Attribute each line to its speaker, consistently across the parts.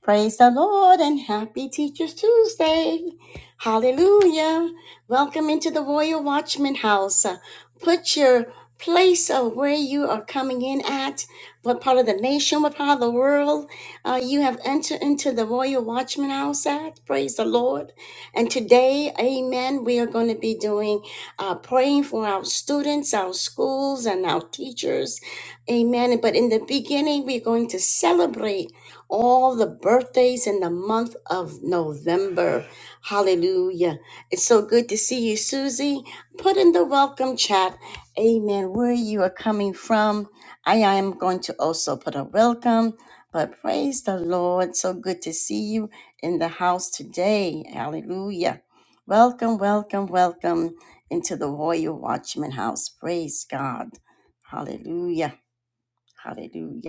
Speaker 1: Praise the Lord and happy Teachers Tuesday. Hallelujah. Welcome into the Royal Watchman House. Uh, Put your place of where you are coming in at, what part of the nation, what part of the world uh, you have entered into the Royal Watchman House at. Praise the Lord. And today, amen, we are going to be doing uh, praying for our students, our schools, and our teachers. Amen. But in the beginning, we're going to celebrate all the birthdays in the month of November. Hallelujah. It's so good to see you, Susie. Put in the welcome chat. Amen. Where you are coming from. I am going to also put a welcome. But praise the Lord. So good to see you in the house today. Hallelujah. Welcome, welcome, welcome into the Royal Watchman house. Praise God. Hallelujah. Hallelujah.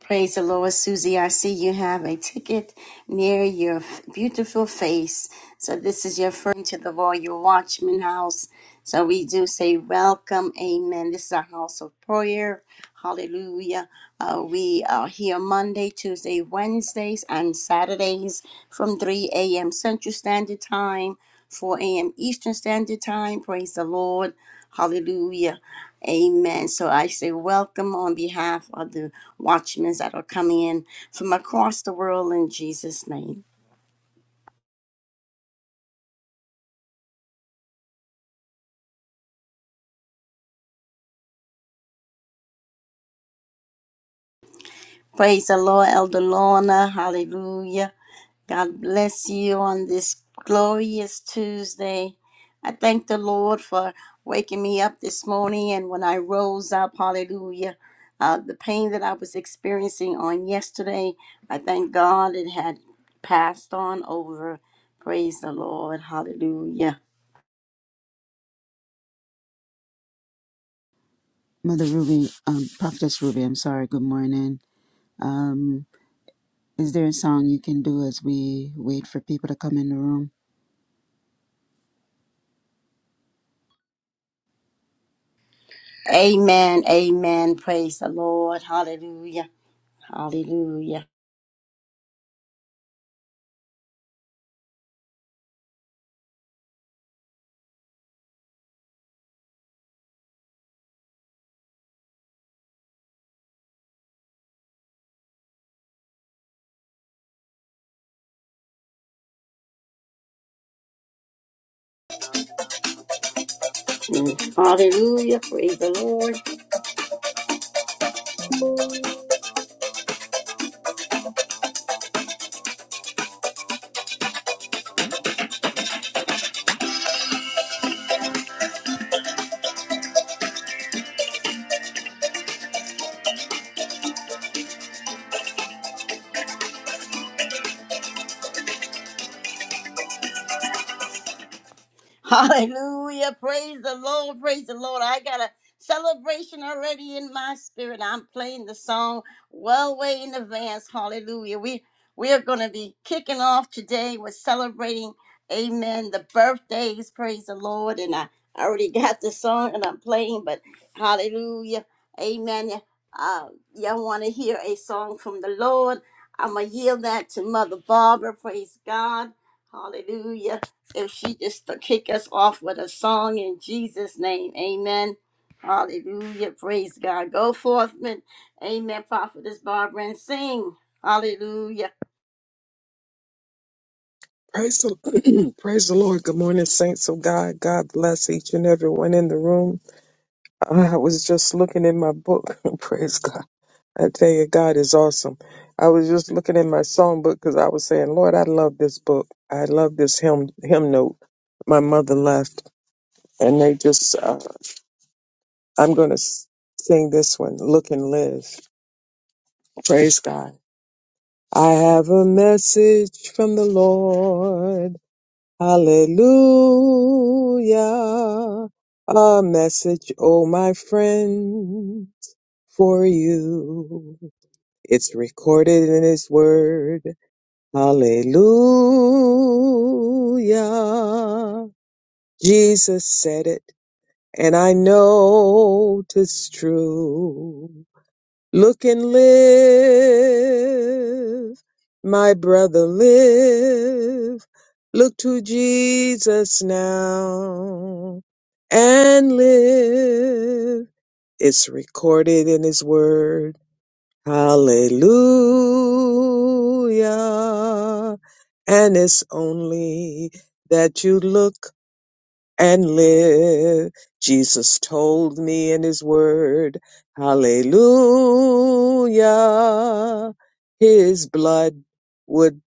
Speaker 1: Praise the Lord, Susie. I see you have a ticket near your f- beautiful face. So this is your friend to the Royal Watchman House. So we do say welcome, Amen. This is a house of prayer. Hallelujah. Uh, we are here Monday, Tuesday, Wednesdays, and Saturdays from 3 a.m. Central Standard Time, 4 a.m. Eastern Standard Time. Praise the Lord. Hallelujah. Amen. So I say welcome on behalf of the watchmen that are coming in from across the world in Jesus' name. Praise the Lord, Elder Lorna. Hallelujah. God bless you on this glorious Tuesday. I thank the Lord for waking me up this morning. And when I rose up, hallelujah, uh, the pain that I was experiencing on yesterday, I thank God it had passed on over. Praise the Lord. Hallelujah.
Speaker 2: Mother Ruby, um, Prophetess Ruby, I'm sorry, good morning. Um, is there a song you can do as we wait for people to come in the room?
Speaker 1: Amen. Amen. Praise the Lord. Hallelujah. Hallelujah. Mm. Hallelujah. Praise the Lord. Hallelujah. Praise the Lord. Praise the Lord. I got a celebration already in my spirit. I'm playing the song well way in advance. Hallelujah. We we are going to be kicking off today with celebrating, amen, the birthdays. Praise the Lord. And I already got the song and I'm playing, but hallelujah. Amen. Uh, y'all want to hear a song from the Lord? I'm going to yield that to Mother Barbara. Praise God. Hallelujah if she just to kick us off with a song in Jesus' name. Amen. Hallelujah. Praise God. Go forth, men. Amen. Prophetess Barbara and sing. Hallelujah.
Speaker 3: Praise the, praise the Lord. Good morning, saints of God. God bless each and everyone in the room. I was just looking in my book. praise God. I tell you, God is awesome. I was just looking in my song book because I was saying, Lord, I love this book. I love this hymn, hymn note. My mother left, and they just, uh, I'm going to sing this one, Look and Live. Praise God. I have a message from the Lord. Hallelujah. A message, oh my friend, for you. It's recorded in his word. Hallelujah. Jesus said it, and I know 'tis true. Look and live, my brother, live. Look to Jesus now and live. It's recorded in His Word. Hallelujah. And it's only that you look and live. Jesus told me in his word, hallelujah, his blood would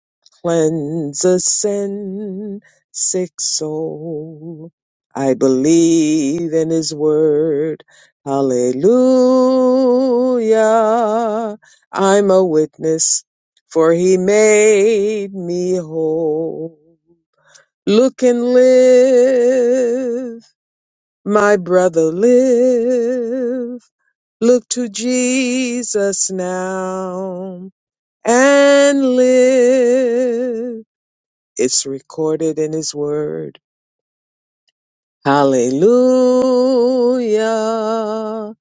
Speaker 3: cleanse a sin sick soul. I believe in his word, hallelujah. I'm a witness, for he made me whole. Look and live my brother live. Look to Jesus now and live. It's recorded in his word. Hallelujah.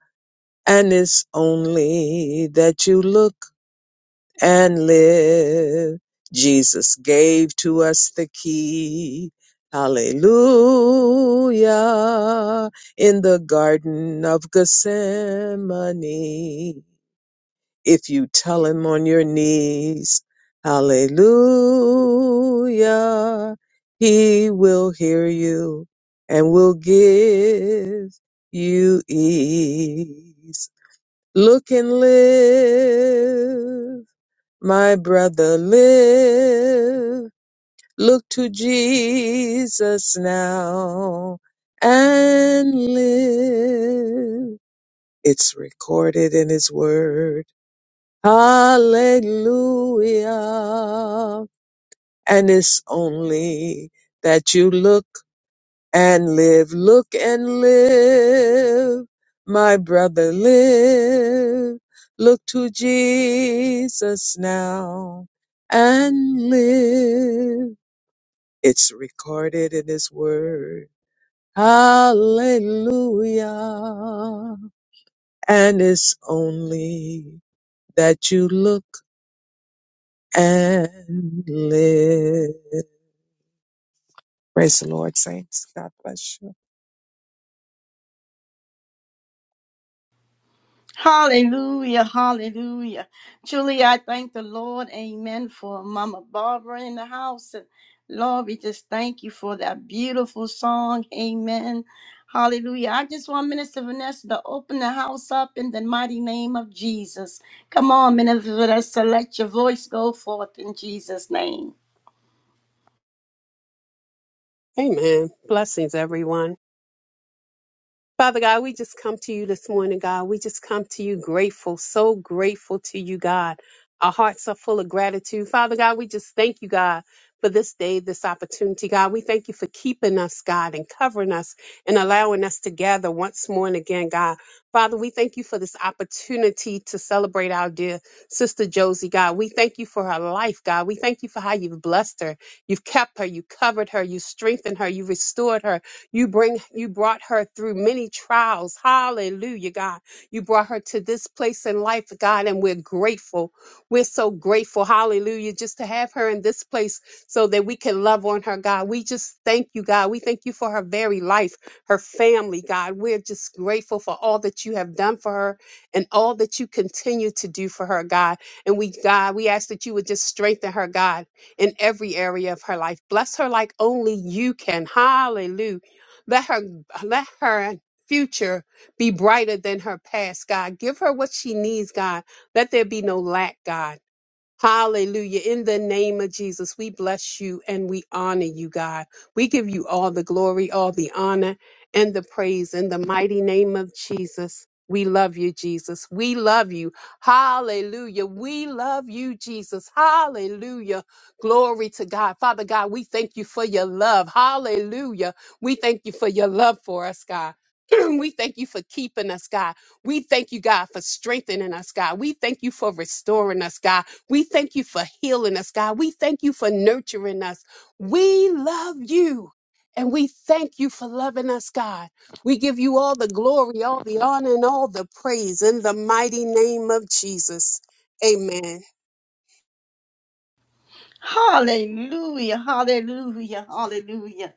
Speaker 3: And it's only that you look and live. Jesus gave to us the key. Hallelujah. In the Garden of Gethsemane. If you tell him on your knees, Hallelujah, he will hear you and will give you ease. Look and live my brother live. Look to Jesus now and live. It's recorded in his word. Hallelujah. And it's only that you look and live. Look and live, my brother, live. Look to Jesus now and live. It's recorded in His Word. Hallelujah. And it's only that you look and live. Praise the Lord, saints. God bless you.
Speaker 1: Hallelujah, hallelujah. Truly, I thank the Lord, amen, for Mama Barbara in the house. And Lord, we just thank you for that beautiful song, amen. Hallelujah. I just want Minister Vanessa to open the house up in the mighty name of Jesus. Come on, Minister Vanessa, let your voice go forth in Jesus' name.
Speaker 4: Amen. Blessings, everyone. Father God, we just come to you this morning, God. We just come to you grateful, so grateful to you, God. Our hearts are full of gratitude. Father God, we just thank you, God, for this day, this opportunity, God. We thank you for keeping us, God, and covering us and allowing us to gather once more and again, God. Father, we thank you for this opportunity to celebrate our dear sister Josie, God. We thank you for her life, God. We thank you for how you've blessed her. You've kept her. You covered her. You strengthened her. You restored her. You bring you brought her through many trials. Hallelujah, God. You brought her to this place in life, God, and we're grateful. We're so grateful. Hallelujah, just to have her in this place so that we can love on her, God. We just thank you, God. We thank you for her very life, her family, God. We're just grateful for all that you have done for her and all that you continue to do for her, God. And we, God, we ask that you would just strengthen her, God, in every area of her life. Bless her like only you can. Hallelujah. Let her let her future be brighter than her past, God. Give her what she needs, God. Let there be no lack, God. Hallelujah. In the name of Jesus, we bless you and we honor you, God. We give you all the glory, all the honor, and the praise in the mighty name of Jesus. We love you, Jesus. We love you. Hallelujah. We love you, Jesus. Hallelujah. Glory to God. Father God, we thank you for your love. Hallelujah. We thank you for your love for us, God. we thank you for keeping us, God. We thank you, God, for strengthening us, God. We thank you for restoring us, God. We thank you for healing us, God. We thank you for nurturing us. We love you. And we thank you for loving us, God. We give you all the glory, all the honor, and all the praise in the mighty name of Jesus. Amen.
Speaker 1: Hallelujah, hallelujah, hallelujah.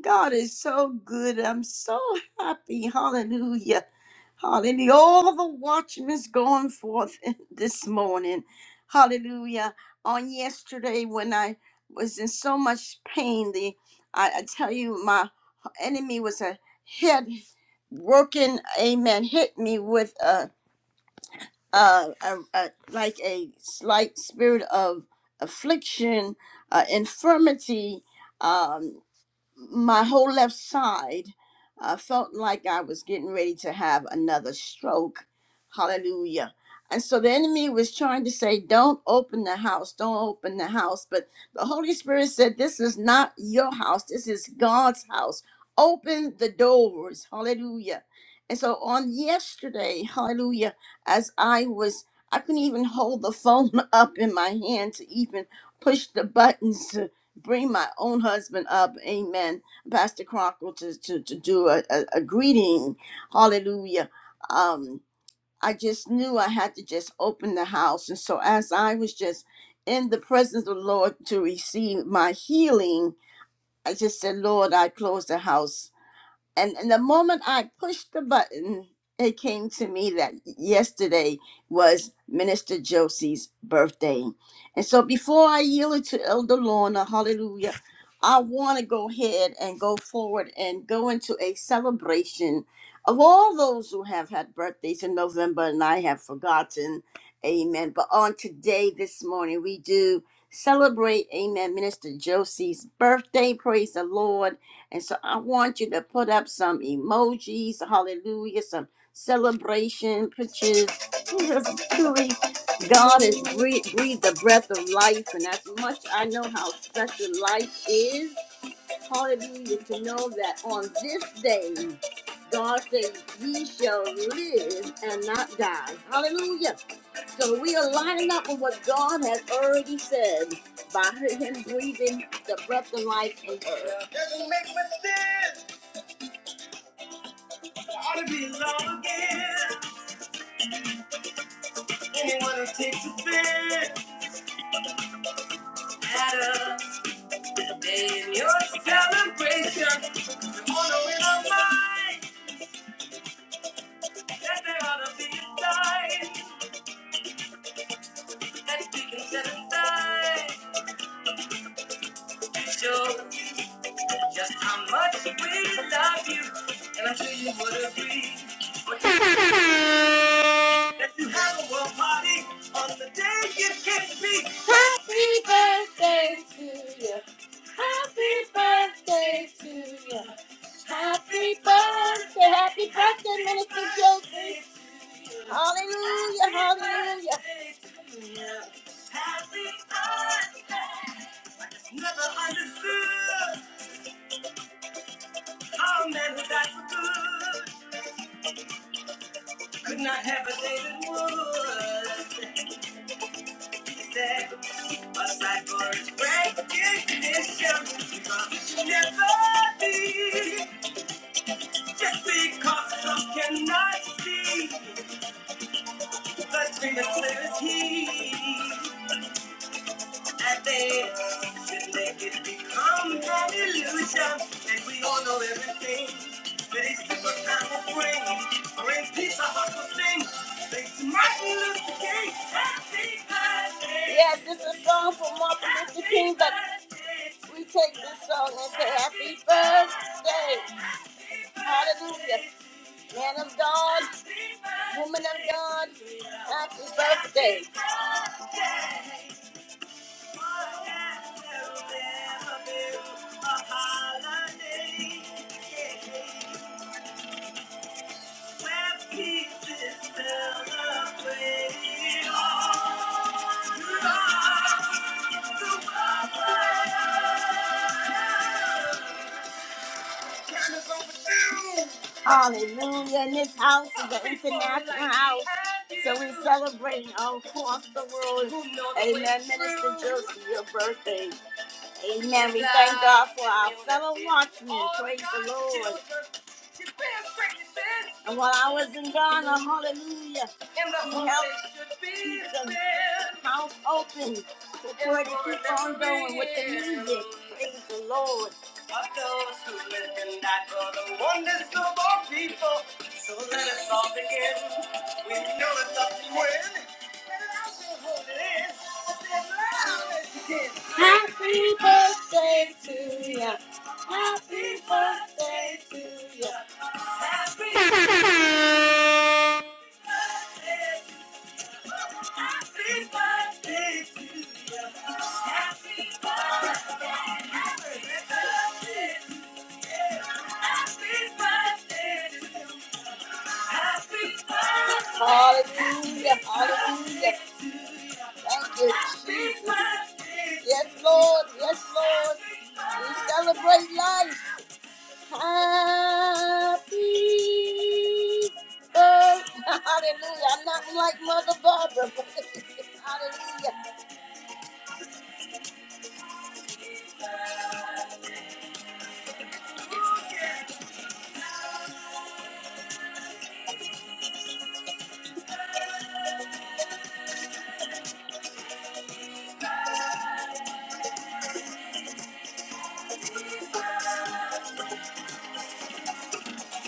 Speaker 1: God is so good. I'm so happy. Hallelujah. Hallelujah. All the watchmen going forth this morning. Hallelujah. On yesterday when I was in so much pain, the I, I tell you my enemy was a head working, amen, hit me with a uh, a, a, like a slight spirit of affliction, uh, infirmity. Um, my whole left side uh, felt like I was getting ready to have another stroke. Hallelujah. And so the enemy was trying to say, Don't open the house, don't open the house. But the Holy Spirit said, This is not your house, this is God's house. Open the doors. Hallelujah. And so on yesterday, hallelujah, as I was, I couldn't even hold the phone up in my hand to even push the buttons bring my own husband up, amen, Pastor Crocker, to, to, to do a, a, a greeting, hallelujah. Um, I just knew I had to just open the house. And so as I was just in the presence of the Lord to receive my healing, I just said, Lord, I close the house and, and the moment I pushed the button, it came to me that yesterday was Minister Josie's birthday. And so before I yield it to Elder Lorna, hallelujah, I want to go ahead and go forward and go into a celebration of all those who have had birthdays in November and I have forgotten. Amen. But on today, this morning, we do celebrate, amen, Minister Josie's birthday. Praise the Lord. And so I want you to put up some emojis, hallelujah, some celebration pictures. Jesus, truly, God has breathed, breathed the breath of life. And as much I know how special life is, Hallelujah. To know that on this day, God said, ye shall live and not die. Hallelujah. So we are lining up with what God has already said by Him breathing the breath of life in her. Doesn't make much sense. Ought to be long again. Anyone who takes offense at us today in your celebration. On the wheel of mine, that there ought to be a sign. Let's kick it to the side. Show just how much we love you. And I'm sure you would agree that you have a world party on the day you came to be. Happy birthday, happy birthday, happy birthday, Minister Josie. Hallelujah, hallelujah. Happy birthday. I just never understood how men were that for good. Could not have a day that was sad. Aside for its recognition, because it should never be. Just because some cannot see, the dream is clear as he. I think we should make it become an illusion that we all know everything. But it's the good time will bring, bring peace our hearts will sing. Thanks to Martin Luther King, happy birthday. Yes, it's a song for Martin Luther King, but we take this song and say happy birthday. Hallelujah. Man of God, woman of God, happy birthday. Hallelujah. And this house is an international house. So we're celebrating all across the world. Amen, Minister Josie, your birthday. Amen. We thank God for our fellow watchmen. Praise the Lord. And while I was in Ghana, hallelujah, he helped keep the house open for it. to keep on going with the music. Praise the Lord. Of those who live and die for the wonders of our people. So let us all begin. We know it's up to win. And I'll be holding in. I said, loud as you can. Happy birthday to you. Happy birthday to you. Happy birthday. Happy birthday to you. Happy birthday. Happy birthday to you. Happy birthday. Hallelujah. Hallelujah. Thank you, Jesus. Yes, Lord. Yes, Lord. We celebrate life. Happy birthday. Hallelujah. I'm not like Mother Barbara. Hallelujah.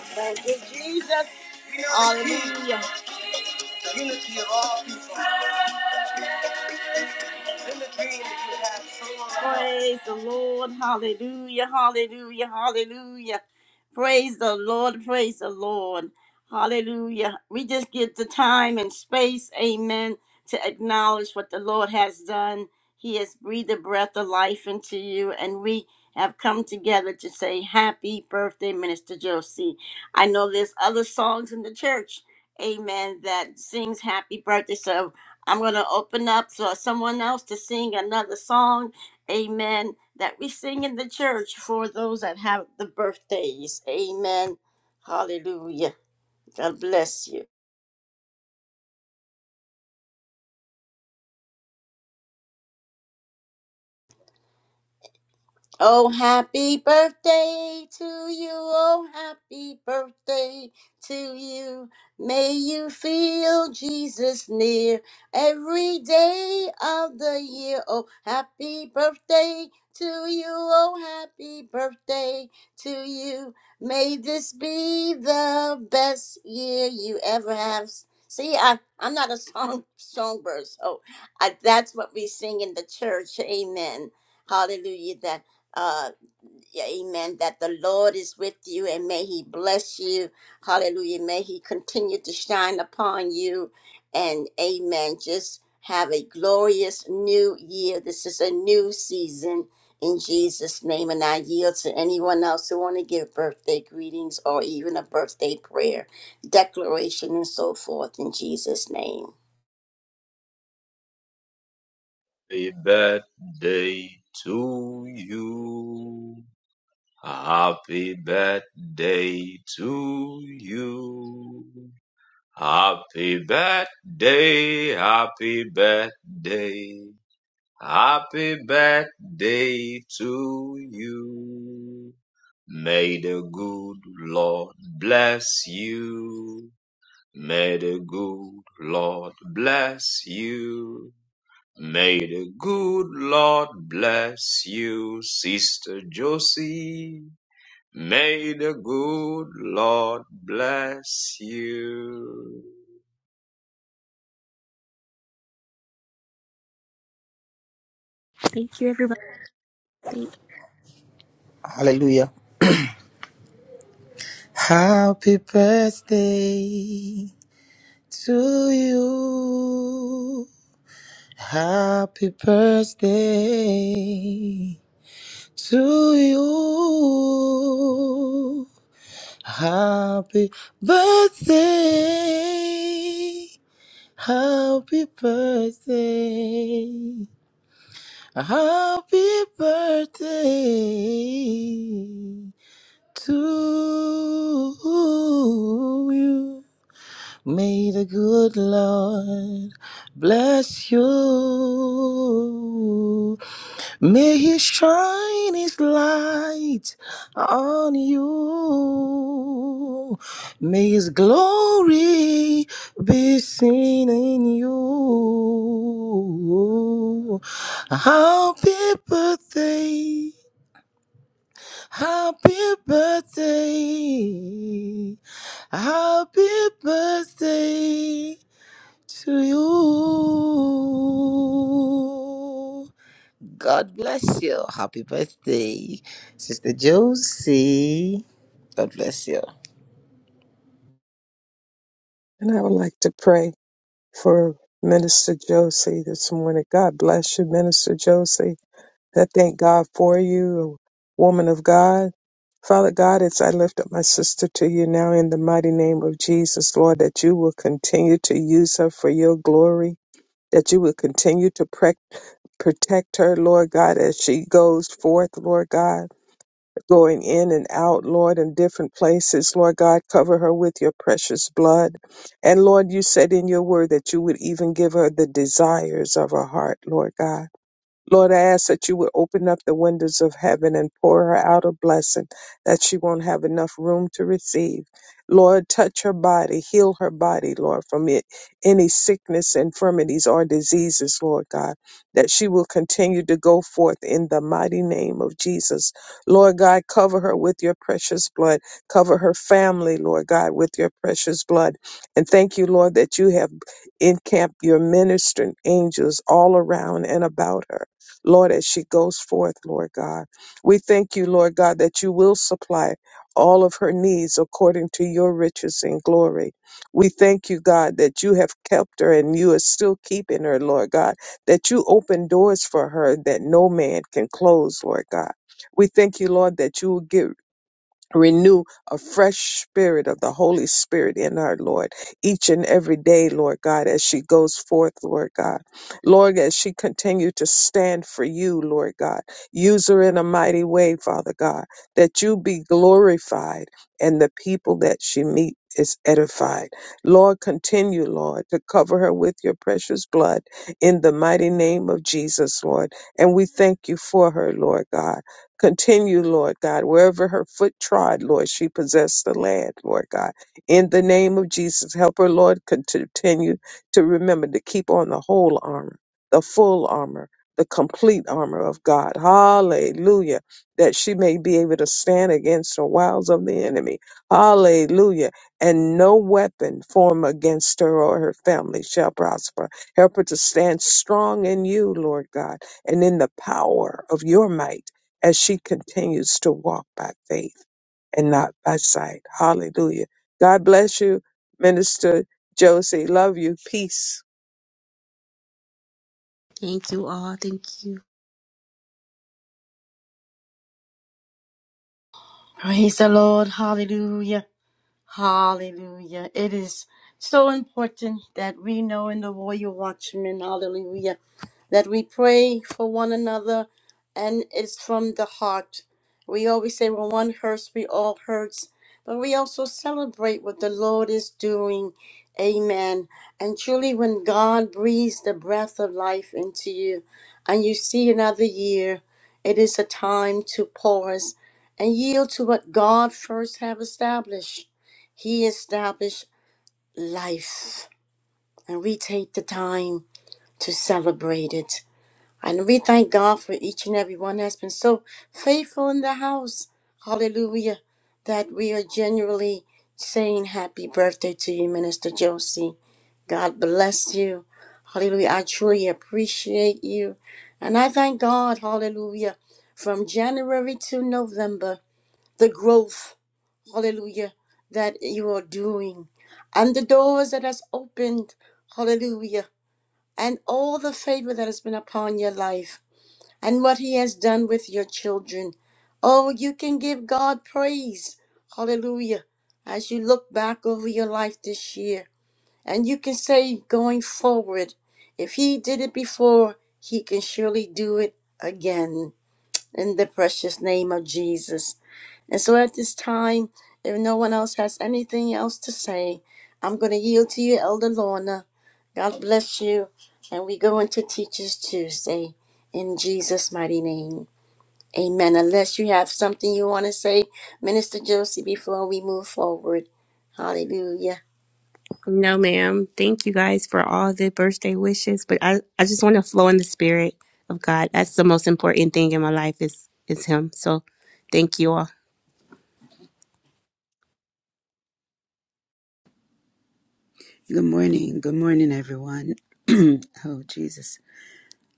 Speaker 1: Thank you, Jesus. Hallelujah. the unity of all people, and the dream that you have so Praise the Lord, hallelujah, hallelujah, hallelujah. Praise the Lord, praise the Lord, hallelujah. We just get the time and space, amen, to acknowledge what the Lord has done. He has breathed the breath of life into you, and we have come together to say happy birthday, Minister Josie. I know there's other songs in the church, amen, that sings happy birthday. So I'm going to open up for someone else to sing another song, amen, that we sing in the church for those that have the birthdays. Amen. Hallelujah. God bless you. Oh, happy birthday to you. Oh, happy birthday to you. May you feel Jesus near every day of the year. Oh, happy birthday to you. Oh, happy birthday to you. May this be the best year you ever have. See, I, I'm not a song songbird, so I, that's what we sing in the church. Amen. Hallelujah. That uh, yeah, amen, that the Lord is with you and may he bless you. Hallelujah. May he continue to shine upon you. And amen. Just have a glorious new year. This is a new season in Jesus' name. And I yield to anyone else who want to give birthday greetings or even a birthday prayer, declaration, and so forth in Jesus' name.
Speaker 5: Happy birthday to you. Happy birthday to you. Happy birthday, happy birthday. Happy birthday to you. May the good Lord bless you. May the good Lord bless you. May the good Lord bless you, Sister Josie. May the good Lord bless you.
Speaker 6: Thank you, everybody. Thank
Speaker 7: Hallelujah. Happy birthday to you. Happy birthday to you. Happy birthday. Happy birthday. Happy birthday to you. May the good Lord bless you. May He shine His light on you. May His glory be seen in you. Happy birthday. Happy birthday. Happy birthday to you. God bless you. Happy birthday, Sister Josie. God bless you.
Speaker 3: And I would like to pray. for Minister Josie this morning. God bless you, Minister Josie. I thank God for you, woman of God. Father God, as I lift up my sister to you now in the mighty name of Jesus, Lord, that you will continue to use her for your glory, that you will continue to prec- protect her, Lord God, as she goes forth, Lord God going in and out, Lord, in different places. Lord God, cover her with your precious blood. And Lord, you said in your word that you would even give her the desires of her heart, Lord God. Lord, I ask that you would open up the windows of heaven and pour her out a blessing that she won't have enough room to receive. Lord, touch her body, heal her body, Lord, from it, any sickness, infirmities, or diseases, Lord God, that she will continue to go forth in the mighty name of Jesus. Lord God, cover her with your precious blood. Cover her family, Lord God, with your precious blood. And thank you, Lord, that you have encamped your ministering angels all around and about her. Lord, as she goes forth, Lord God. We thank you, Lord God, that you will supply all of her needs according to your riches and glory. We thank you, God, that you have kept her and you are still keeping her, Lord God, that you open doors for her that no man can close, Lord God. We thank you, Lord, that you will give Renew a fresh spirit of the Holy Spirit in her, Lord, each and every day, Lord God, as she goes forth, Lord God. Lord, as she continue to stand for you, Lord God. Use her in a mighty way, Father God, that you be glorified and the people that she meet is edified. Lord, continue, Lord, to cover her with your precious blood in the mighty name of Jesus, Lord. And we thank you for her, Lord God. Continue, Lord God, wherever her foot trod, Lord, she possessed the land, Lord God. In the name of Jesus, help her, Lord, con- to continue to remember to keep on the whole armor, the full armor, the complete armor of God. Hallelujah. That she may be able to stand against the wiles of the enemy. Hallelujah. And no weapon formed against her or her family shall prosper. Help her to stand strong in you, Lord God, and in the power of your might as she continues to walk by faith and not by sight. Hallelujah. God bless you, Minister Josie. Love you. Peace.
Speaker 6: thank you all. Thank you.
Speaker 1: Praise the Lord. Hallelujah. Hallelujah. It is so important that we know in the Royal Watchman, hallelujah that we pray for one another and it's from the heart. We always say when one hurts, we all hurts, but we also celebrate what the Lord is doing. Amen. And truly, when God breathes the breath of life into you and you see another year, it is a time to pause and yield to what God first have established. He established life, and we take the time to celebrate it. And we thank God for each and every one that's been so faithful in the house. Hallelujah. That we are genuinely saying happy birthday to you, Minister Josie. God bless you. Hallelujah. I truly appreciate you. And I thank God, hallelujah, from January to November, the growth, hallelujah, that you are doing. And the doors that has opened, hallelujah, and all the favor that has been upon your life and what He has done with your children. Oh, you can give God praise. Hallelujah. As you look back over your life this year, and you can say going forward, if He did it before, He can surely do it again in the precious name of Jesus. And so at this time, if no one else has anything else to say, I'm going to yield to you, Elder Lorna. God bless you. And we go into Teachers Tuesday in Jesus' mighty name. Amen. Unless you have something you want to say, Minister Josie, before we move forward. Hallelujah.
Speaker 6: No, ma'am. Thank you guys for all the birthday wishes. But I, I just want to flow in the spirit of God. That's the most important thing in my life is is Him. So, thank you all.
Speaker 2: Good morning, good morning, everyone. oh, Jesus.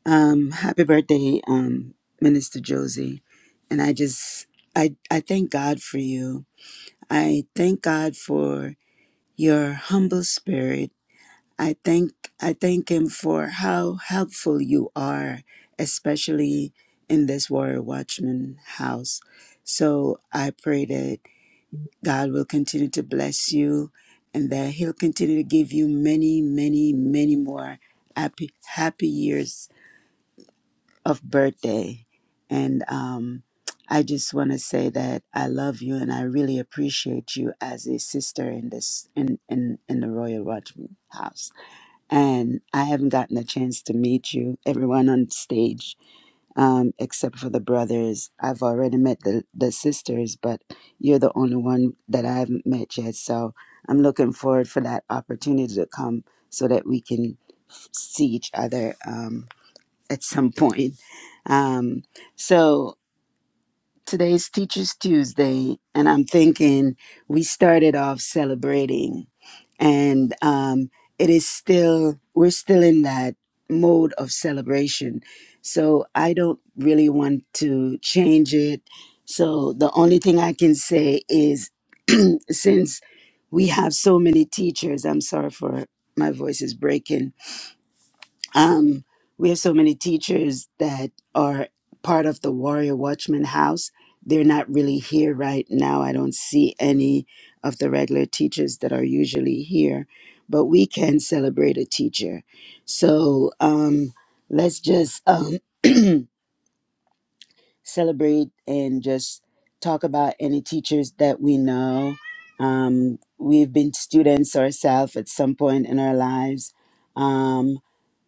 Speaker 2: Um, happy birthday, um, Minister Josie. And I just, I, I thank God for you. I thank God for your humble spirit I thank I thank him for how helpful you are, especially in this Warrior Watchman house. So I pray that God will continue to bless you and that he'll continue to give you many, many, many more happy happy years of birthday. And um I just want to say that I love you and I really appreciate you as a sister in this in in, in the Royal Watchman house and I haven't gotten a chance to meet you, everyone on stage, um, except for the brothers. I've already met the, the sisters, but you're the only one that I haven't met yet. So I'm looking forward for that opportunity to come so that we can see each other um, at some point. Um, so Today's Teachers Tuesday, and I'm thinking we started off celebrating, and um, it is still, we're still in that mode of celebration. So I don't really want to change it. So the only thing I can say is since we have so many teachers, I'm sorry for my voice is breaking um, we have so many teachers that are part of the Warrior Watchman House. They're not really here right now. I don't see any of the regular teachers that are usually here, but we can celebrate a teacher. So um, let's just um, celebrate and just talk about any teachers that we know. Um, we've been students ourselves at some point in our lives. Um,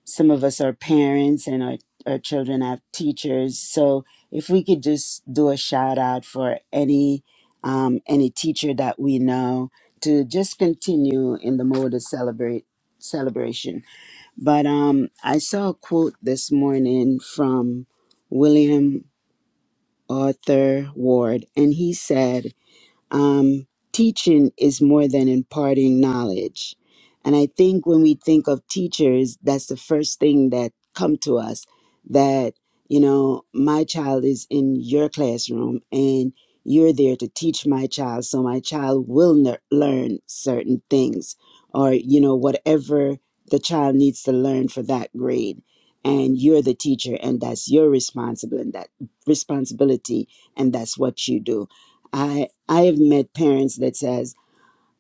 Speaker 2: some of us are parents and our, our children have teachers so if we could just do a shout out for any um, any teacher that we know to just continue in the mode of celebrate celebration but um, i saw a quote this morning from william arthur ward and he said um, teaching is more than imparting knowledge and i think when we think of teachers that's the first thing that come to us that you know my child is in your classroom and you're there to teach my child so my child will ner- learn certain things or you know whatever the child needs to learn for that grade and you're the teacher and that's your responsibility and that responsibility and that's what you do I I have met parents that says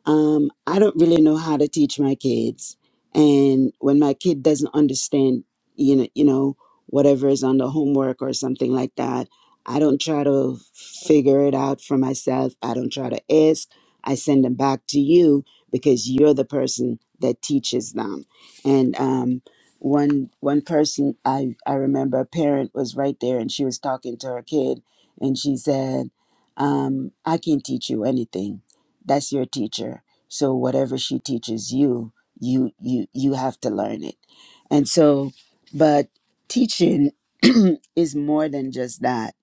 Speaker 2: um, I don't really know how to teach my kids. And when my kid doesn't understand, you know, you know, whatever is on the homework or something like that, I don't try to figure it out for myself. I don't try to ask. I send them back to you because you're the person that teaches them. And um, one one person I I remember a parent was right there and she was talking to her kid and she said, um, "I can't teach you anything." that's your teacher so whatever she teaches you you you you have to learn it and so but teaching is more than just that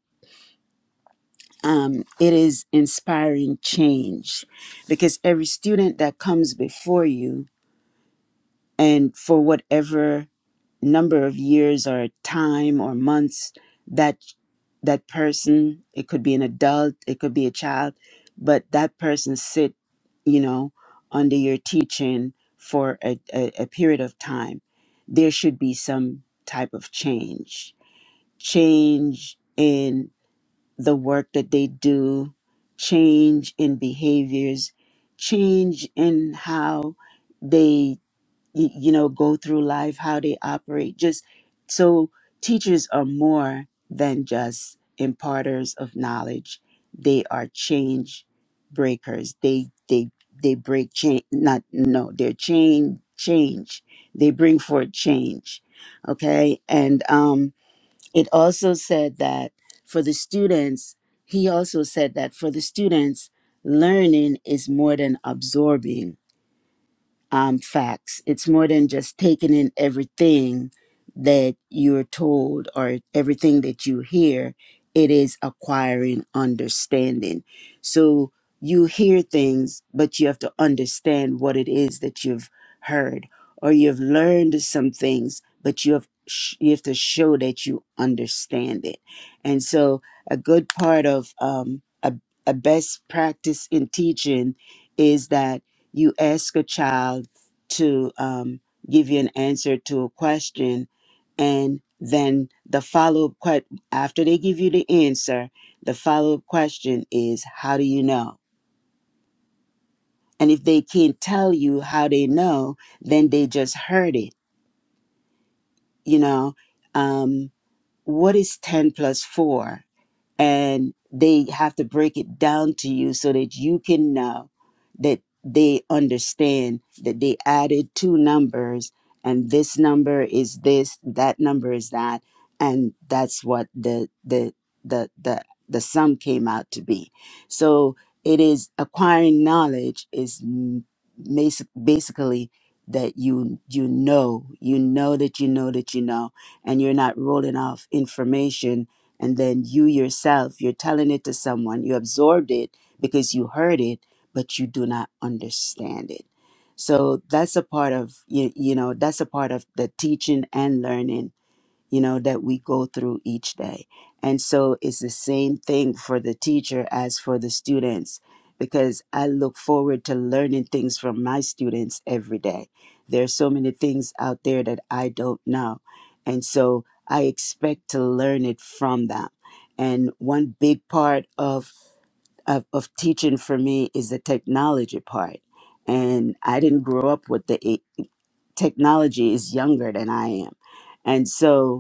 Speaker 2: um, it is inspiring change because every student that comes before you and for whatever number of years or time or months that. that person it could be an adult it could be a child but that person sit you know under your teaching for a, a, a period of time there should be some type of change change in the work that they do change in behaviors change in how they y- you know go through life how they operate just so teachers are more than just imparters of knowledge they are change breakers they they they break change not no they're chain change they bring forth change okay and um it also said that for the students he also said that for the students learning is more than absorbing um, facts. It's more than just taking in everything that you're told or everything that you hear. It is acquiring understanding. So you hear things, but you have to understand what it is that you've heard, or you've learned some things, but you have sh- you have to show that you understand it. And so, a good part of um, a a best practice in teaching is that you ask a child to um, give you an answer to a question, and then the follow up question after they give you the answer, the follow up question is, How do you know? And if they can't tell you how they know, then they just heard it. You know, um, what is 10 plus 4? and they have to break it down to you so that you can know that they understand that they added two numbers and this number is this that number is that and that's what the the the the, the sum came out to be so it is acquiring knowledge is m- basi- basically that you you know you know that you know that you know and you're not rolling off information and then you yourself you're telling it to someone you absorbed it because you heard it but you do not understand it so that's a part of you, you know that's a part of the teaching and learning you know, that we go through each day. And so it's the same thing for the teacher as for the students, because I look forward to learning things from my students every day. There's so many things out there that I don't know. And so I expect to learn it from them. And one big part of, of, of teaching for me is the technology part. And I didn't grow up with the e, technology is younger than I am. And so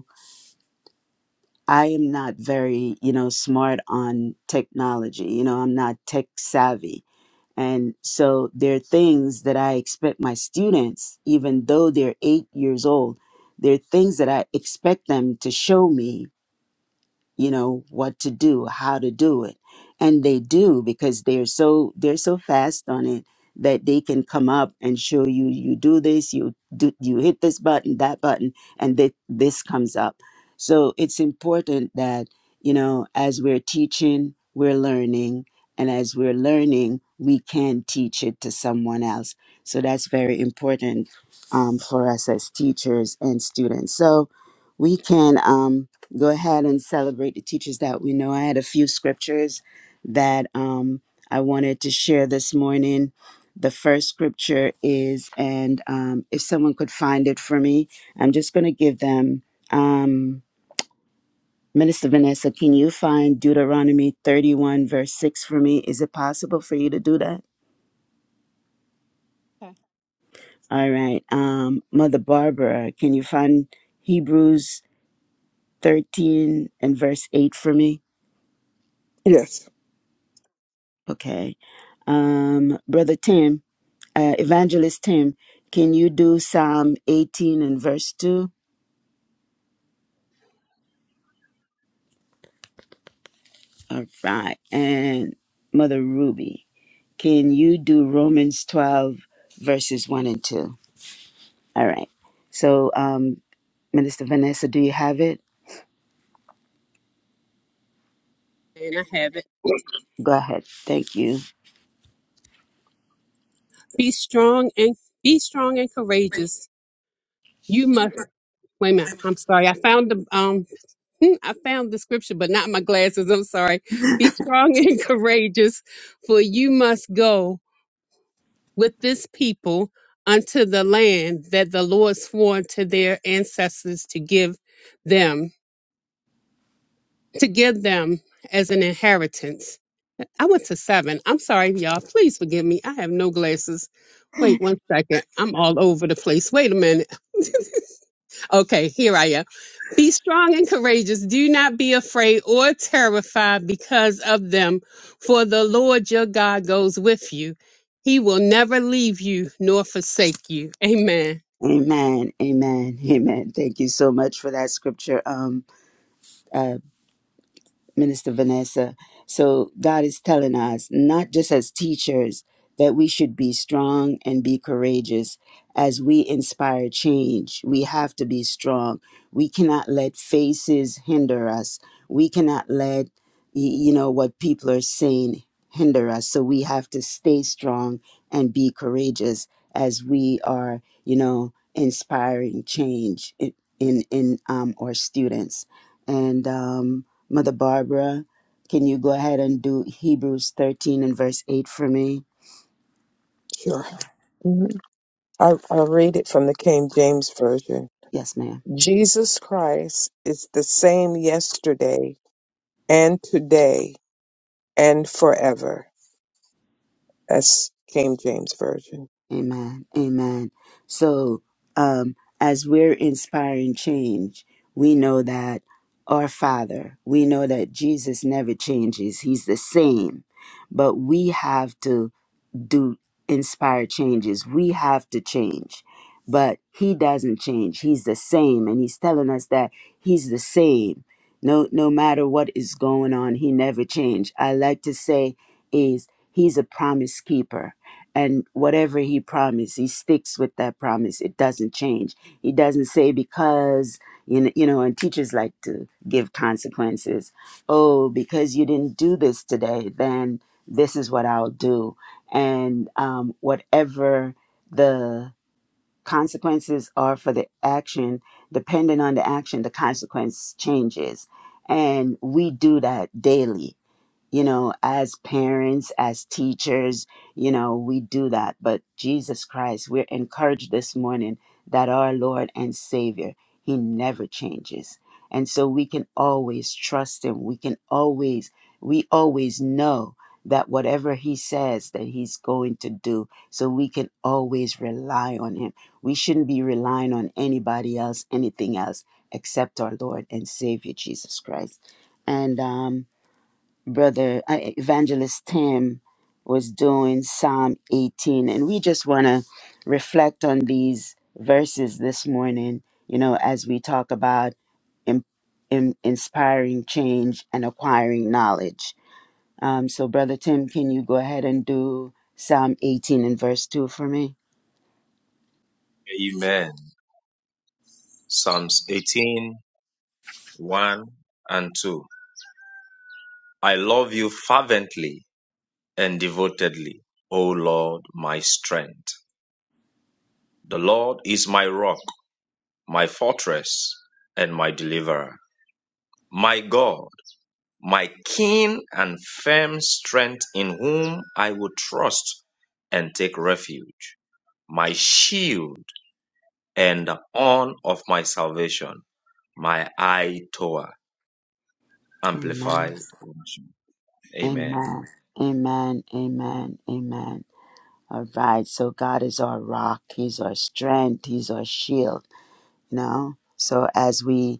Speaker 2: I am not very, you know, smart on technology. You know, I'm not tech savvy. And so there are things that I expect my students, even though they're eight years old, there are things that I expect them to show me you know what to do how to do it and they do because they're so they're so fast on it that they can come up and show you you do this you do you hit this button that button and th- this comes up so it's important that you know as we're teaching we're learning and as we're learning we can teach it to someone else so that's very important um, for us as teachers and students so we can um, go ahead and celebrate the teachers that we know. I had a few scriptures that um, I wanted to share this morning. The first scripture is, and um, if someone could find it for me, I'm just going to give them. Um, Minister Vanessa, can you find Deuteronomy 31, verse 6 for me? Is it possible for you to do that? All right. Um, Mother Barbara, can you find Hebrews 13 and verse 8 for me?
Speaker 3: Yes,
Speaker 2: Okay. Um, Brother Tim, uh, Evangelist Tim, can you do Psalm 18 and verse 2? All right. And Mother Ruby, can you do Romans 12 verses 1 and 2? All right. So, um, Minister Vanessa, do you have it?
Speaker 4: And I have it.
Speaker 2: Go ahead. Thank you.
Speaker 4: Be strong and be strong and courageous. You must wait a minute. I'm sorry. I found the um hmm, I found the scripture, but not my glasses. I'm sorry. Be strong and courageous, for you must go. with this people unto the land that the Lord swore to their ancestors to give them, to give them as an inheritance. I went to seven. I'm sorry, y'all. Please forgive me. I have no glasses. Wait one second. I'm all over the place. Wait a minute. Okay, here I am. Be strong and courageous. Do not be afraid or terrified because of them, for the Lord your God goes with you. He will never leave you nor forsake you. Amen.
Speaker 2: Amen. Amen. Amen. Thank you so much for that scripture. Um, uh, Minister Vanessa. So God is telling us, not just as teachers, that we should be strong and be courageous as we inspire change. We have to be strong. We cannot let faces hinder us. We cannot let, y- you know, what people are saying hinder us. So we have to stay strong and be courageous as we are, you know, inspiring change in in, in um, our students. And um, Mother Barbara, can you go ahead and do Hebrews 13 and verse 8 for me?
Speaker 3: sure. Mhm. I, I read it from the King James Version.
Speaker 2: Yes, ma'am.
Speaker 3: Jesus Christ is the same yesterday and today and forever. That's King James Version.
Speaker 2: Amen. Amen. So, um, as we're inspiring change, we know that our Father, we know that Jesus never changes. He's the same. But we have to do inspire changes. We have to change. But he doesn't change. He's the same and he's telling us that he's the same. No no matter what is going on, he never changed. I like to say is he's a promise keeper. And whatever he promised, he sticks with that promise. It doesn't change. He doesn't say because you know, you know, and teachers like to give consequences. Oh, because you didn't do this today, then this is what I'll do and um, whatever the consequences are for the action, depending on the action, the consequence changes. And we do that daily you know, as parents, as teachers, you know, we do that. But Jesus Christ, we're encouraged this morning that our Lord and Savior, He never changes. And so we can always trust Him. We can always, we always know that whatever He says that He's going to do, so we can always rely on Him. We shouldn't be relying on anybody else, anything else, except our Lord and Savior, Jesus Christ. And, um, brother uh, evangelist tim was doing psalm 18 and we just want to reflect on these verses this morning you know as we talk about in, in, inspiring change and acquiring knowledge um, so brother tim can you go ahead and do psalm 18 and verse 2 for me
Speaker 5: Amen. Psalms 18, one and 2. I love you fervently and devotedly, O Lord, my strength. The Lord is my rock, my fortress, and my deliverer. My God my keen and firm strength in whom I will trust and take refuge, my shield and the horn of my salvation, my eye tower,
Speaker 2: amen
Speaker 5: amplified version. Amen.
Speaker 2: amen amen amen amen all right so god is our rock he's our strength he's our shield you know so as we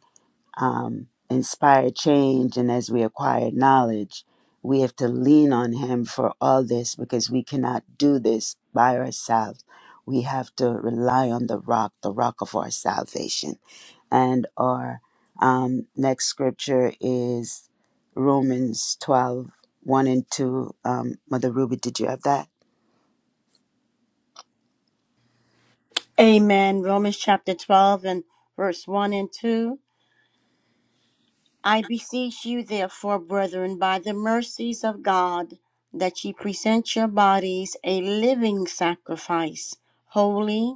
Speaker 2: um, inspire change and as we acquire knowledge we have to lean on him for all this because we cannot do this by ourselves we have to rely on the rock the rock of our salvation and our um, next scripture is romans twelve one and 2 um, mother ruby did you have that
Speaker 1: Amen. Romans chapter 12 and verse 1 and 2. I beseech you, therefore, brethren, by the mercies of God, that ye present your bodies a living sacrifice, holy,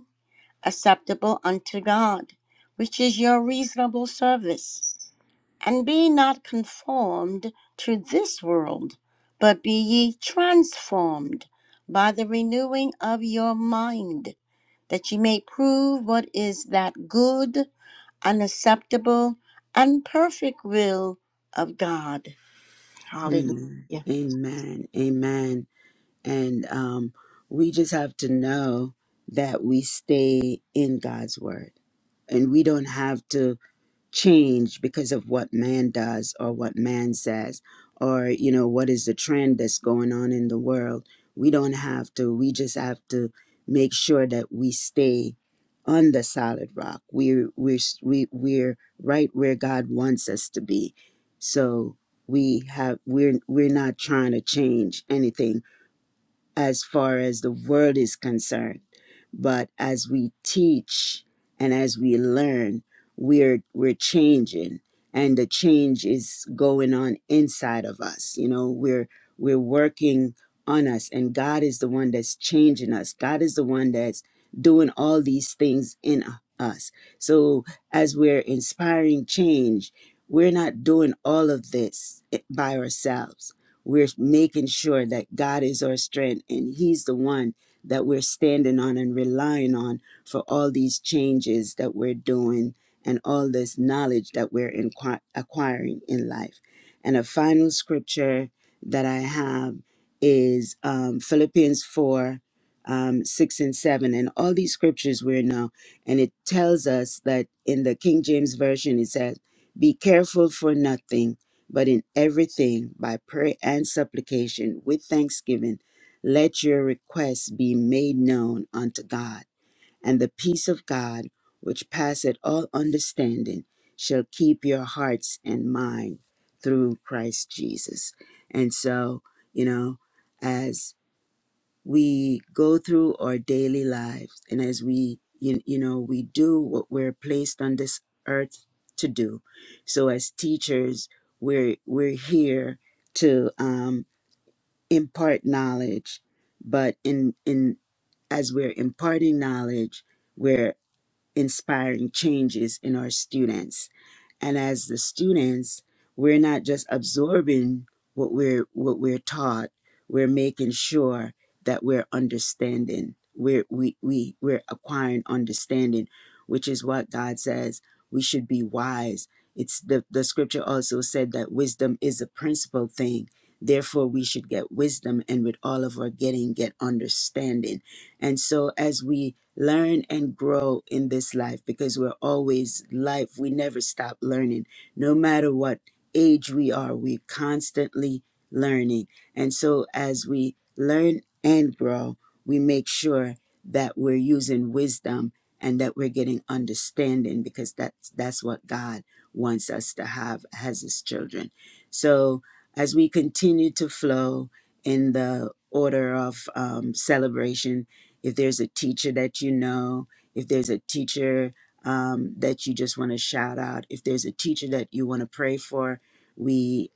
Speaker 1: acceptable unto God, which is your reasonable service. and be not conformed to this world, but be ye transformed by the renewing of your mind, that ye may prove what is that good and acceptable and perfect will of God.
Speaker 2: amen
Speaker 1: Hallelujah.
Speaker 2: amen amen And um, we just have to know that we stay in God's word and we don't have to change because of what man does or what man says or, you know, what is the trend that's going on in the world. We don't have to. We just have to make sure that we stay on the solid rock. We're, we're, s- we, we're right where God wants us to be. So we have, we're, we're not trying to change anything as far as the world is concerned. But as we teach and as we learn, we're we're changing and the change is going on inside of us. You know, we're we're working on us and God is the one that's changing us. God is the one that's doing all these things in us. So as we're inspiring change, we're not doing all of this eh, by ourselves we're making sure that God is our strength and He's the one that we're standing on and relying on for all these changes that we're doing and all this knowledge that we're inqui- acquiring in life. And a final scripture that I have is um, Philippians 4. Um, six and seven, and all these scriptures we're now, and it tells us that in the King James Version, it says, Be careful for nothing but in everything, by prayer and supplication with thanksgiving, let your requests be made known unto God. And the peace of God, which passeth all understanding, shall keep your hearts and mind through Christ Jesus. And so, you know, as we go through our daily lives and as we you, you know we do what we're placed on this earth to do so as teachers we're we're here to um, impart knowledge but in in as we're imparting knowledge inspiring changes in our students. And as the students, we're not just absorbing what we're what we're taught, we're making sure that we're understanding. We're we, we we're acquiring understanding, which is what God says we should be wise. It's the, the scripture also said that wisdom is a principal thing. Therefore, we should get wisdom and with all of our getting, get understanding. And so as we learn and grow in this life because we're always life. We never stop learning. No matter what age we are, we're constantly learning. And so as we learn and grow, we make sure that we're using wisdom and that we're getting understanding because that's that's what God wants us to have as his children. So as we continue to flow in the order of um, celebration if there's a teacher that you know, if there's a teacher um, that you just want to shout out, if there's a teacher that you want to pray for, we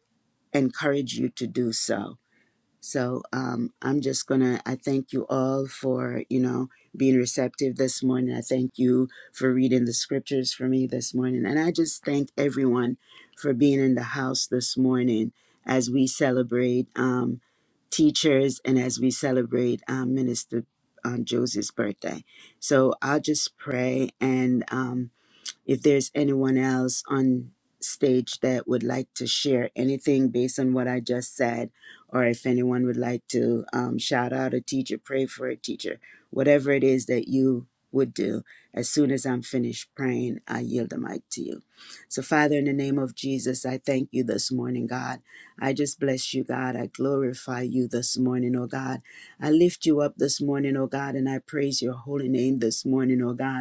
Speaker 2: encourage you to do so so um, I'm just gonna. I thank you all for you know being receptive this morning. I thank you for reading the scriptures for me this morning, and I just thank everyone for being in the house this morning as we celebrate um, teachers and as we celebrate um, Minister um, Joseph's birthday. So I'll just pray and. Um, if there's anyone else on stage that would like to share anything based on what I just said, or if anyone would like to um, shout out a teacher, pray for a teacher, whatever it is that you would do, as soon as I'm finished praying, I yield the mic to you. So, Father, in the name of Jesus, I thank you this morning, God. I just bless you, God. I glorify you this morning, oh God. I lift you up this morning, oh God, and I praise your holy name this morning, oh God.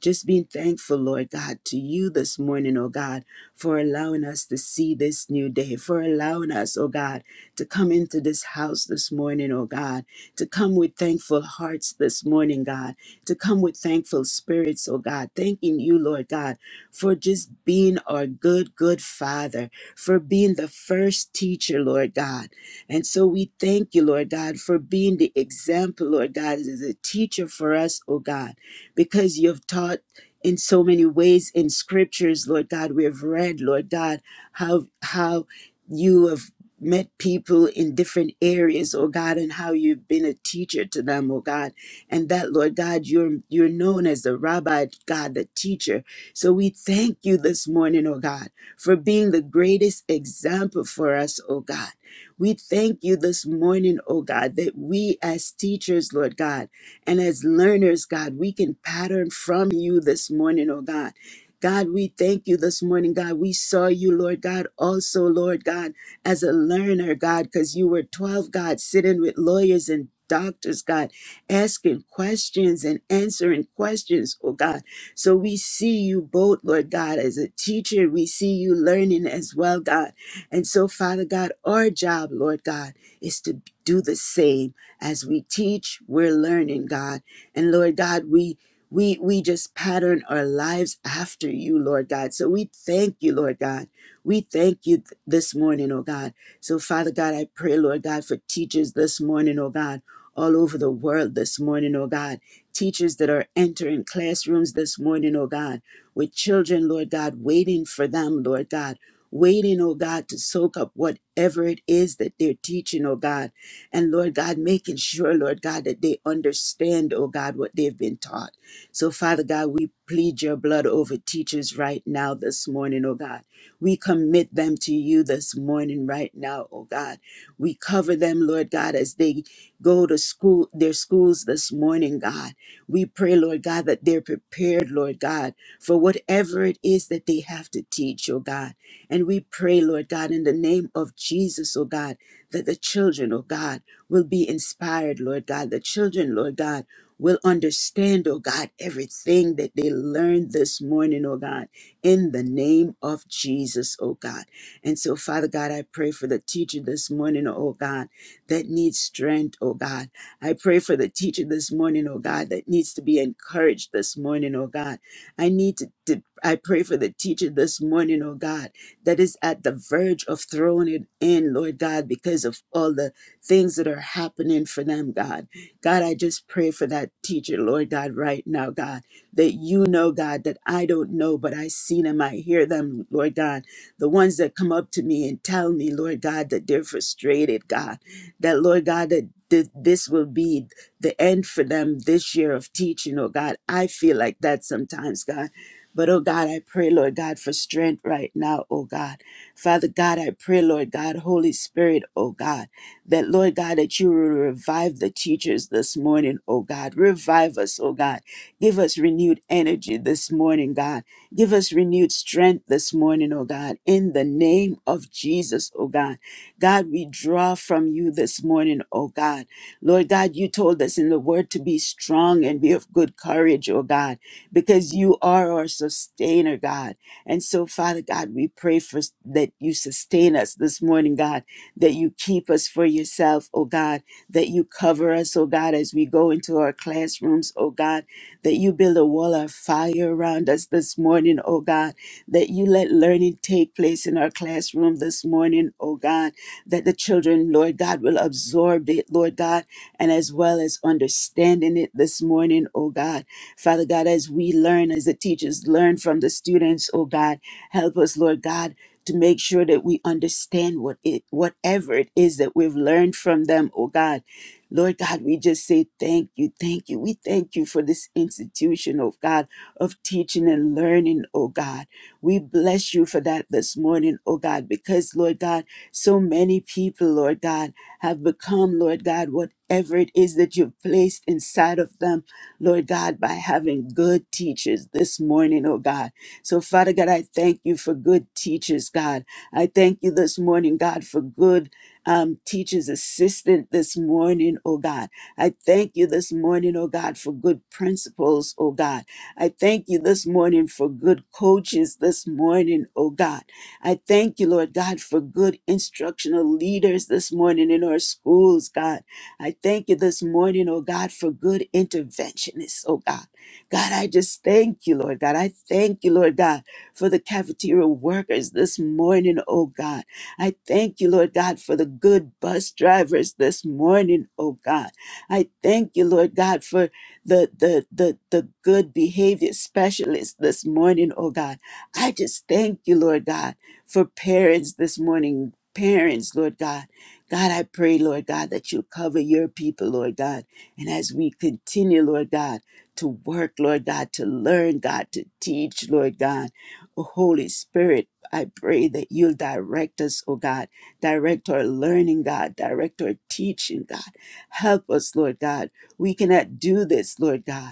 Speaker 2: Just being thankful, Lord God, to you this morning, oh God, for allowing us to see this new day, for allowing us, oh God, to come into this house this morning, oh God, to come with thankful hearts this morning, God, to come with thankful spirits, oh God, thanking you, Lord God, for just being our good, good Father, for being the first teacher, Lord God. And so we thank you, Lord God, for being the example, Lord God, as a teacher for us, oh God because you've taught in so many ways in scriptures, Lord God, we have read, Lord God, how how you have met people in different areas, oh God, and how you've been a teacher to them, oh God. And that, Lord God, you're you're known as the rabbi, God, the teacher. So we thank you this morning, oh God, for being the greatest example for us, oh God. We thank you this morning, oh God, that we as teachers, Lord God, and as learners, God, we can pattern from you this morning, oh God. God, we thank you this morning, God. We saw you, Lord God, also, Lord God, as a learner, God, because you were 12, God, sitting with lawyers and doctors, God, asking questions and answering questions, oh God. So we see you both, Lord God, as a teacher. We see you learning as well, God. And so, Father God, our job, Lord God, is to do the same as we teach, we're learning, God. And Lord God, we we we just pattern our lives after you, Lord God. So we thank you, Lord God. We thank you th- this morning, oh God. So Father God, I pray, Lord God, for teachers this morning, oh God, all over the world this morning, oh God. Teachers that are entering classrooms this morning, oh God, with children, Lord God, waiting for them, Lord God waiting, oh God, to soak up whatever it is that they're teaching, oh God. And Lord God, making sure, Lord God, that they understand, oh God, what they've been taught. So, Father God, we plead your blood over teachers right now this morning, oh God. We commit them to you this morning right now, oh God. We cover them, Lord God, as they go to school, their schools this morning, God. We pray, Lord God, that they're prepared, Lord God, for whatever it is that they have to teach, oh God. And we pray, Lord God, in the name of Jesus, oh God, that the children, oh God, will be inspired, Lord God. The children, Lord God, will understand, oh God, everything that they learned this morning, oh God, in the name of Jesus, oh God. And so, Father God, I pray for the teacher this morning, oh God, that needs strength, oh God. I pray for the teacher this morning, oh God, that needs to be encouraged this morning, oh God. I need to, to I pray for the teacher this morning, oh God, that is at the verge of throwing it in, Lord God, because of all the things that are happening for them, God. God, I just pray for that teacher, Lord God, right now, God, that you know, God, that I don't know, but I see them, I hear them, Lord God. The ones that come up to me and tell me, Lord God, that they're frustrated, God, that, Lord God, that th- this will be the end for them this year of teaching, oh God. I feel like that sometimes, God. But oh God, I pray, Lord God, for strength right now, oh God. Father God, I pray, Lord God, Holy Spirit, oh God that Lord God, that you will revive the teachers this morning, oh God. Revive us, oh God. Give us renewed energy this morning, God. Give us renewed strength this morning, oh God. In the name of Jesus, oh God. God, we draw from you this morning, oh God. Lord God, you told us in the word to be strong and be of good courage, oh God, because you are our sustainer, God. And so, Father God, we pray for that you sustain us this morning, God that you keep us for yourself, oh God, that you cover us, oh God, as we go into our classrooms, oh God, that you build a wall of fire around us this morning, oh God, that you let learning take place in our classroom this morning, oh God, that the children, Lord God, will absorb it, Lord God, and as well as understanding it this morning, oh God. Father God, as we learn, as the teachers learn from the students, oh God, help us, Lord God to make sure that we understand what it whatever it is that we've learned from them oh god lord god we just say thank you thank you we thank you for this institution oh god of teaching and learning oh god we bless you for that this morning oh god because lord god so many people lord god have become lord god whatever it is that you've placed inside of them lord god by having good teachers this morning oh god so, Father God, I thank you for good teachers, God. I thank you this morning, God, for good um, teachers' assistant this morning, oh God. I thank you this morning, oh God, for good principals, oh God. I thank you this morning for good coaches this morning, oh God. I thank you, Lord God, for good instructional leaders this morning in our schools, God. I thank you this morning, oh God, for good interventionists, oh God. God, I just thank you, Lord God. I thank you, Lord God, for the cafeteria workers this morning, oh God. I thank you, Lord God, for the good bus drivers this morning, oh God. I thank you, Lord God, for the the the, the good behavior specialists this morning, oh God. I just thank you, Lord God, for parents this morning. Parents, Lord God. God, I pray, Lord God, that you cover your people, Lord God. And as we continue, Lord God, to work, Lord God, to learn, God, to teach, Lord God. Oh, Holy Spirit, I pray that you'll direct us, oh God. Direct our learning, God. Direct our teaching, God. Help us, Lord God. We cannot do this, Lord God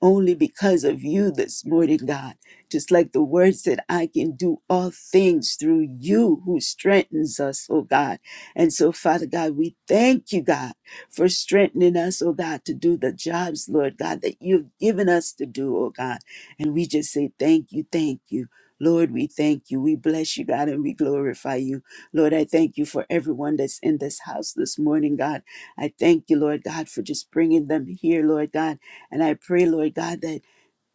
Speaker 2: only because of you this morning, God. Just like the word said, I can do all things through you who strengthens us, oh God. And so, Father God, we thank you, God, for strengthening us, oh God, to do the jobs, Lord God, that you've given us to do, oh God. And we just say, thank you, thank you. Lord, we thank you. We bless you, God, and we glorify you. Lord, I thank you for everyone that's in this house this morning, God. I thank you, Lord God, for just bringing them here, Lord God and I pray, Lord God, that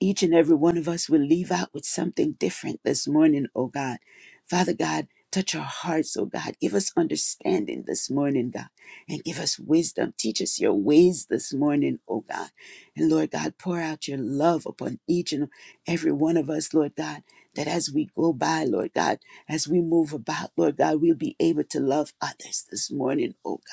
Speaker 2: each and every one of us will leave out with something different this morning, oh God. Father God, touch our hearts, oh God. Give us understanding this morning, God, and give us wisdom. Teach us your ways this morning, oh God. And Lord God, pour out your love upon each and every one of us, Lord God, that as we go by, Lord God, as we move about, Lord God, we'll be able to love others this morning, oh God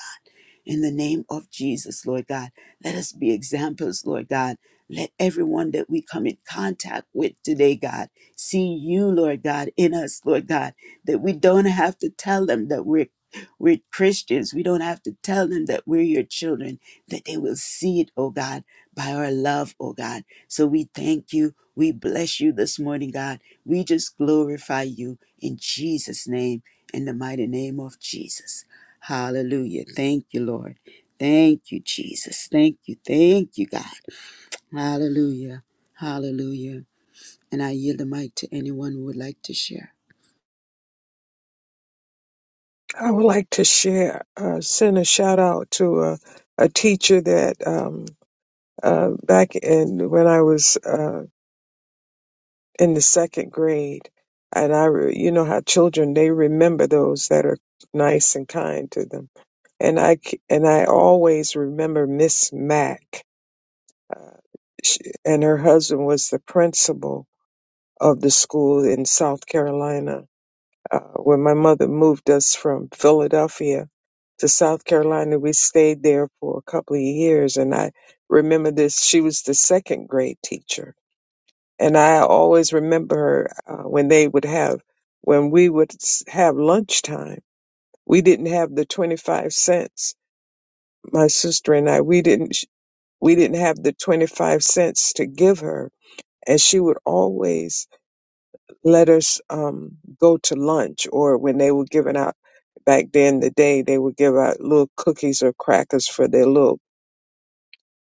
Speaker 2: in the name of Jesus, Lord God. Let us be examples, Lord God. Let everyone that we come in contact with today, God, see you, Lord God, in us, Lord God, that we don't have to tell them that we're we're Christians. We don't have to tell them that we're your children, that they will see it, oh God, by our love, oh God. So we thank you. We bless you this morning, God. We just glorify you in Jesus' name, in the mighty name of Jesus. Hallelujah. Thank you, Lord. Thank you, Jesus. Thank you. Thank you, God. Hallelujah. Hallelujah. And I yield the mic to anyone who would like to share.
Speaker 3: I would like to share, uh, send a shout out to a, a teacher that um, uh, back in when I was uh, in the second grade, and I, re- you know how children they remember those that are nice and kind to them, and I c- and I always remember Miss Mack, uh, sh and her husband was the principal of the school in South Carolina. Uh, when my mother moved us from Philadelphia to South Carolina, we stayed there for a couple of years, and I remember this. She was the second grade teacher and I always remember her uh, when they would have when we would s- have lunchtime. We didn't have the twenty five cents. My sister and I we didn't sh- we didn't have the twenty five cents to give her, and she would always let us um, go to lunch or when they were giving out. Back then, the day they would give out little cookies or crackers for their little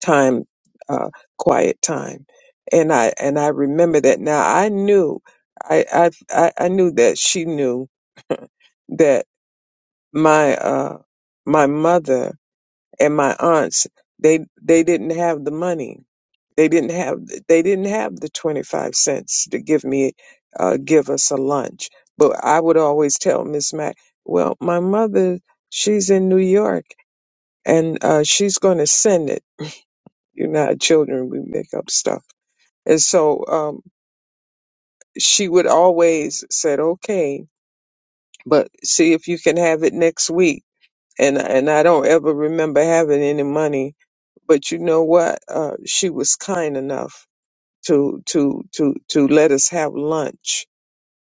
Speaker 3: time, uh, quiet time. And I and I remember that now. I knew, I I I I knew that she knew that my uh my mother and my aunts they they didn't have the money. They didn't have they didn't have the twenty five cents to give me uh give us a lunch. But I would always tell Miss Mac, well, my mother she's in New York and uh she's going to send it. You know, how children we make up stuff And so um, she would always said, "Okay, but see if you can have it next week." And and I don't ever remember having any money, but you know what? Uh, she was kind enough to to to to let us have lunch.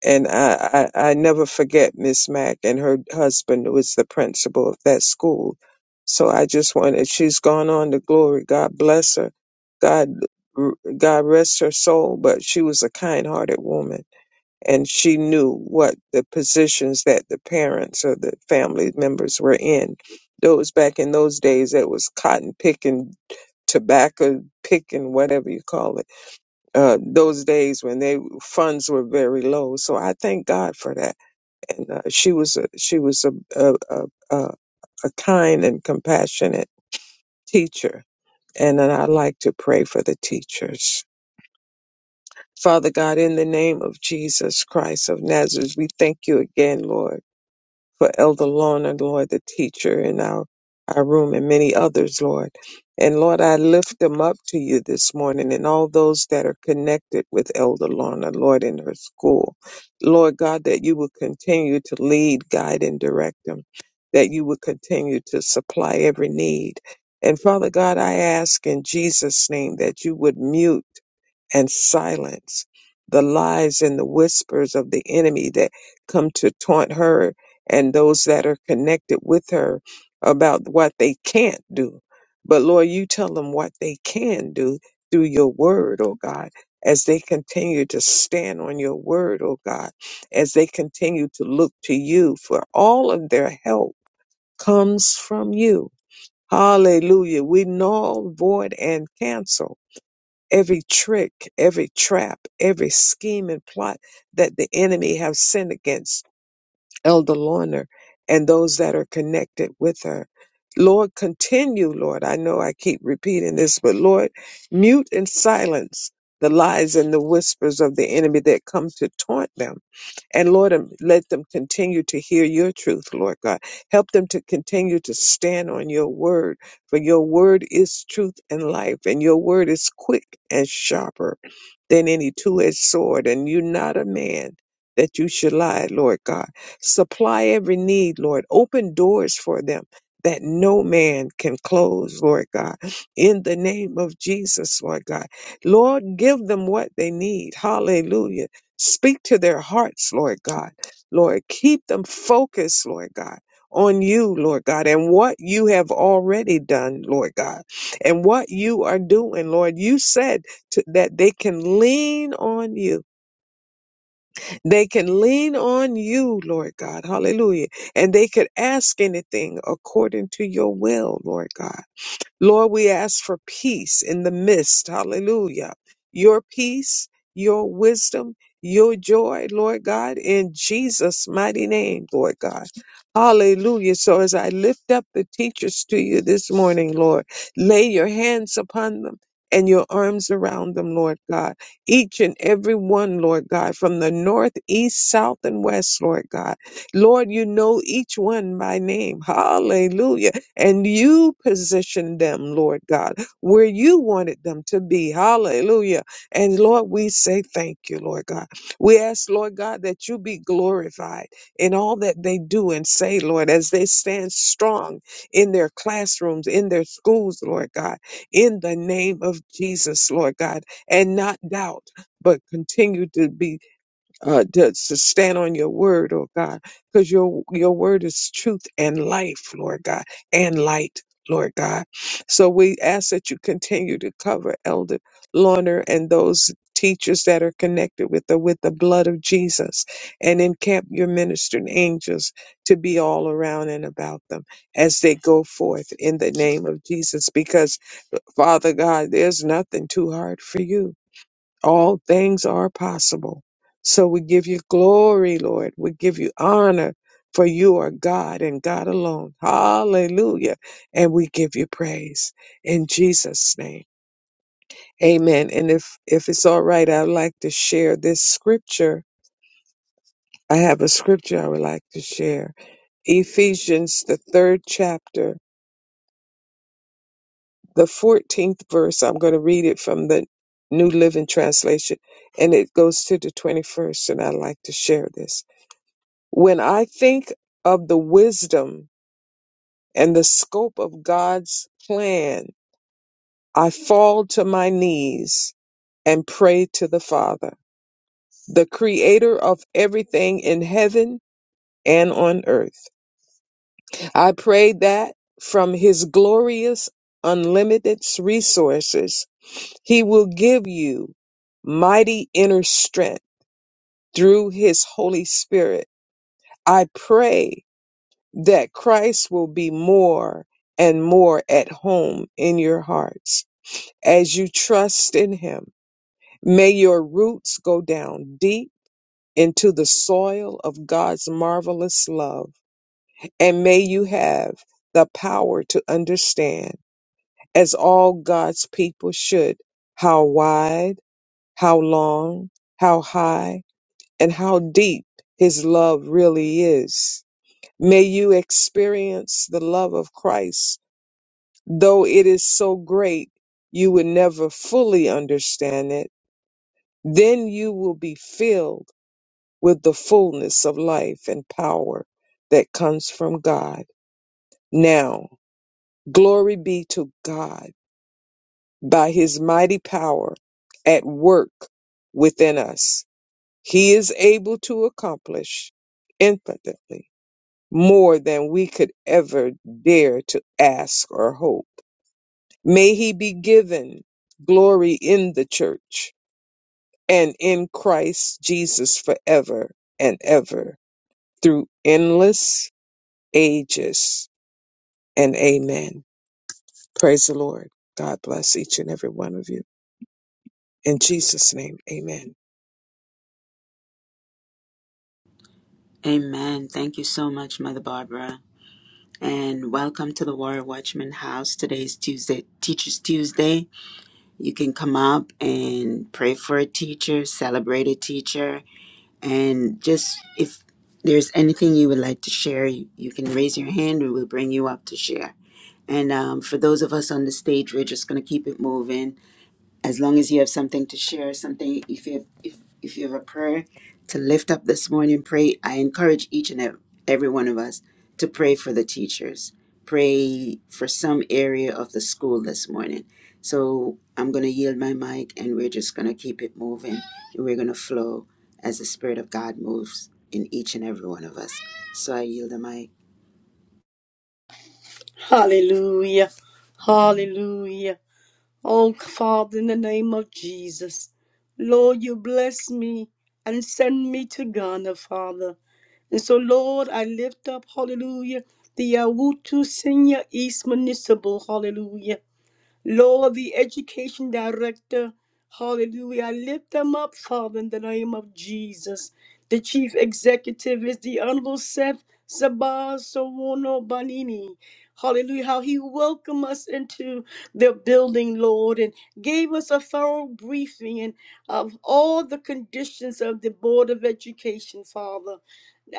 Speaker 3: And I, I, I never forget Miss Mack and her husband was the principal of that school. So I just wanted, she's gone on to glory. God bless her. God, God rest her soul. But she was a kind hearted woman and she knew what the positions that the parents or the family members were in. Those back in those days, that was cotton picking, tobacco picking, whatever you call it. Uh, those days when they funds were very low, so I thank God for that. And uh, she was a, she was a a, a a a kind and compassionate teacher, and then I like to pray for the teachers. Father God, in the name of Jesus Christ of Nazareth, we thank you again, Lord for Elder Lorna, Lord, the teacher in our, our room and many others, Lord. And Lord, I lift them up to you this morning and all those that are connected with Elder Lorna, Lord, in her school. Lord God, that you will continue to lead, guide, and direct them, that you will continue to supply every need. And Father God, I ask in Jesus' name that you would mute and silence the lies and the whispers of the enemy that come to taunt her and those that are connected with her about what they can't do. But Lord, you tell them what they can do through your word, oh God, as they continue to stand on your word, oh God, as they continue to look to you for all of their help comes from you. Hallelujah. We null, void, and cancel every trick, every trap, every scheme and plot that the enemy have sent against Elder Lorna and those that are connected with her. Lord, continue, Lord. I know I keep repeating this, but Lord, mute and silence the lies and the whispers of the enemy that come to taunt them and Lord, um, let them continue to hear your truth, Lord God. Help them to continue to stand on your word, for your word is truth and life, and your word is quick and sharper than any two edged sword. And you're not a man that you should lie, Lord God. Supply every need, Lord. Open doors for them. That no man can close, Lord God, in the name of Jesus, Lord God. Lord, give them what they need. Hallelujah Speak to their hearts, Lord God. Lord, keep them focused, Lord God, on you, Lord God, and what you have already done, Lord God, and what you are doing, Lord. You said to, that they can lean on you. They can lean on you, Lord God. Hallelujah. And they could ask anything according to your will, Lord God. Lord, we ask for peace in the midst. Hallelujah. Your peace, your wisdom, your joy, Lord God, in Jesus' mighty name, Lord God. Hallelujah. So as I lift up the teachers to you this morning, Lord, lay your hands upon them. And your arms around them, Lord God. Each and every one, Lord God, from the north, east, south, and west, Lord God. Lord, you know each one by name. Hallelujah and you positioned them, Lord God, where you wanted them to be. Hallelujah. And Lord, we say thank you, Lord God. We ask, Lord God, that you be glorified in all that they do and say, Lord, as they stand strong in their classrooms, in their schools, Lord God, in the name of Jesus, Lord God, and not doubt, but continue to be uh, to, to stand on your word, oh God, because your your word is truth and life, Lord God, and light, Lord God. So we ask that you continue to cover Elder Lorner and those teachers that are connected with the with the blood of Jesus, and encamp your ministering angels to be all around and about them as they go forth in the name of Jesus. Because Father God, there's nothing too hard for you all things are possible. So we give you glory, Lord. We give you honor, for you are God and God alone. Hallelujah. And we give you praise in Jesus' name. Amen. And if, if it's all right, I'd like to share this scripture. I have a scripture I would like to share. Ephesians, the third chapter, the 14th verse. I'm going to read it from the New Living Translation, and it goes to the 21st, and I'd like to share this. When I think of the wisdom and the scope of God's plan, I fall to my knees and pray to the Father, the creator of everything in heaven and on earth. I pray that from his glorious, unlimited resources, he will give you mighty inner strength through his Holy Spirit. I pray that Christ will be more and more at home in your hearts as you trust in Him. May your roots go down deep into the soil of God's marvelous love, and may you have the power to understand, as all God's people should, how wide, how long, how high, and how deep His love really is. May you experience the love of Christ though it is so great you would never fully understand it, then you will be filled with the fullness of life and power that comes from God. Now, glory be to God by his mighty power at work within us. He is able to accomplish infinitely more than we could ever dare to ask or hope. May he be given glory in the church and in Christ Jesus forever and ever through endless ages. And amen. Praise the Lord. God bless each and every one of you. In Jesus' name, amen.
Speaker 2: Amen. Thank you so much, Mother Barbara. And welcome to the Warrior Watchman House. Today is Tuesday, Teachers Tuesday. You can come up and pray for a teacher, celebrate a teacher, And just if there's anything you would like to share, you, you can raise your hand. We will bring you up to share. And um, for those of us on the stage, we're just going to keep it moving as long as you have something to share, something if you have, if if you have a prayer to lift up this morning, pray. I encourage each and ev- every one of us to pray for the teachers. Pray for some area of the school this morning. So I'm going to yield my mic, and we're just going to keep it moving, and we're going to flow as the Spirit of God moves in each and every one of us. So I yield the mic.
Speaker 1: Hallelujah. Hallelujah. Oh, Father, in the name of Jesus, Lord, you bless me and send me to Ghana, Father. And so, Lord, I lift up, hallelujah, the Awutu Senior East Municipal, hallelujah. Lord, the education director, hallelujah. I lift them up, Father, in the name of Jesus. The chief executive is the Honorable Seth Sabah Sawono Banini. Hallelujah. How he welcomed us into the building, Lord, and gave us a thorough briefing and of all the conditions of the Board of Education, Father.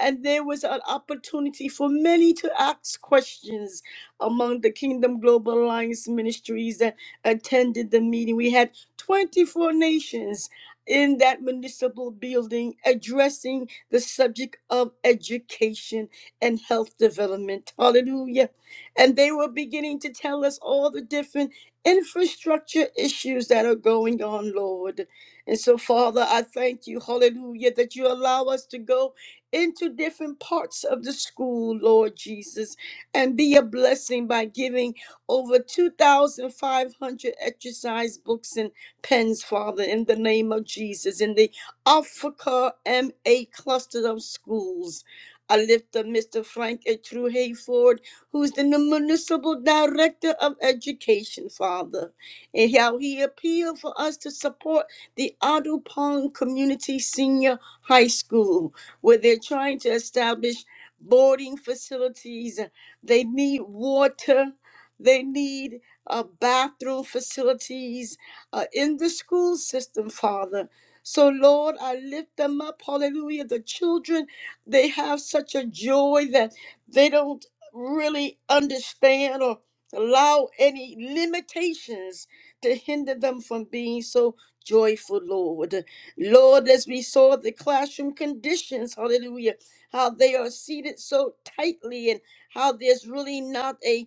Speaker 1: And there was an opportunity for many to ask questions among the Kingdom Global Alliance ministries that attended the meeting. We had 24 nations in that municipal building addressing the subject of education and health development. Hallelujah. And they were beginning to tell us all the different infrastructure issues that are going on, Lord. And so, Father, I thank you, hallelujah, that you allow us to go into different parts of the school, Lord Jesus and be a blessing by giving over 2,500 exercise books and pens, Father, in the name of Jesus, in the Africa MA cluster of schools. I lift up Mr. Frank A. True Hayford, who's the municipal director of education, Father, and how he appealed for us to support the Otter Pond Community Senior High School, where they're trying to establish boarding facilities. They need water. They need uh, bathroom facilities uh, in the school system, Father. So, Lord, I lift them up. Hallelujah. The children, they have such a joy that they don't really understand or allow any limitations to hinder them from being so joyful, Lord. Lord, as we saw the classroom conditions, hallelujah, how they are seated so tightly and how there's really not a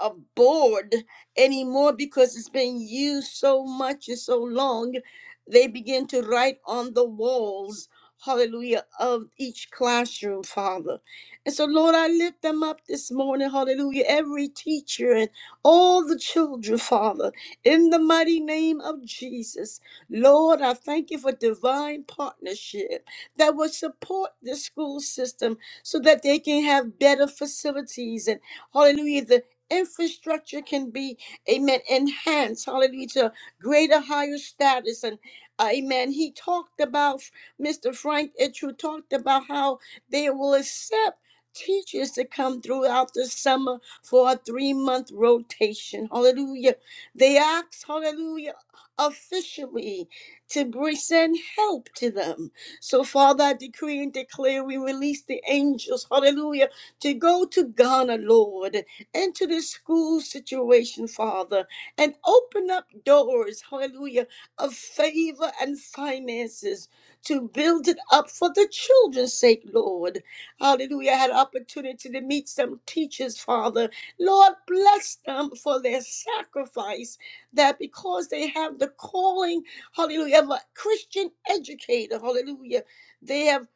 Speaker 1: uh, bored anymore because it's been used so much and so long. They begin to write on the walls, hallelujah, of each classroom, Father. And so, Lord, I lift them up this morning, hallelujah, every teacher and all the children, Father, in the mighty name of Jesus. Lord, I thank you for divine partnership that will support the school system so that they can have better facilities and, hallelujah, the infrastructure can be, amen, enhanced, hallelujah, to greater, higher status. And, uh, amen, he talked about, Mr. Frank Itchu talked about how they will accept teachers to come throughout the summer for a three-month rotation. Hallelujah. They asked, hallelujah, officially to bring, send help to them. So, Father, I decree and declare we release the angels, hallelujah, to go to Ghana, Lord into this school situation, Father, and open up doors, hallelujah, of favor and finances to build it up for the children's sake, Lord. Hallelujah. I had an opportunity to meet some teachers, Father. Lord, bless them for their sacrifice, that because they have the calling, hallelujah, of a Christian educator, hallelujah, they have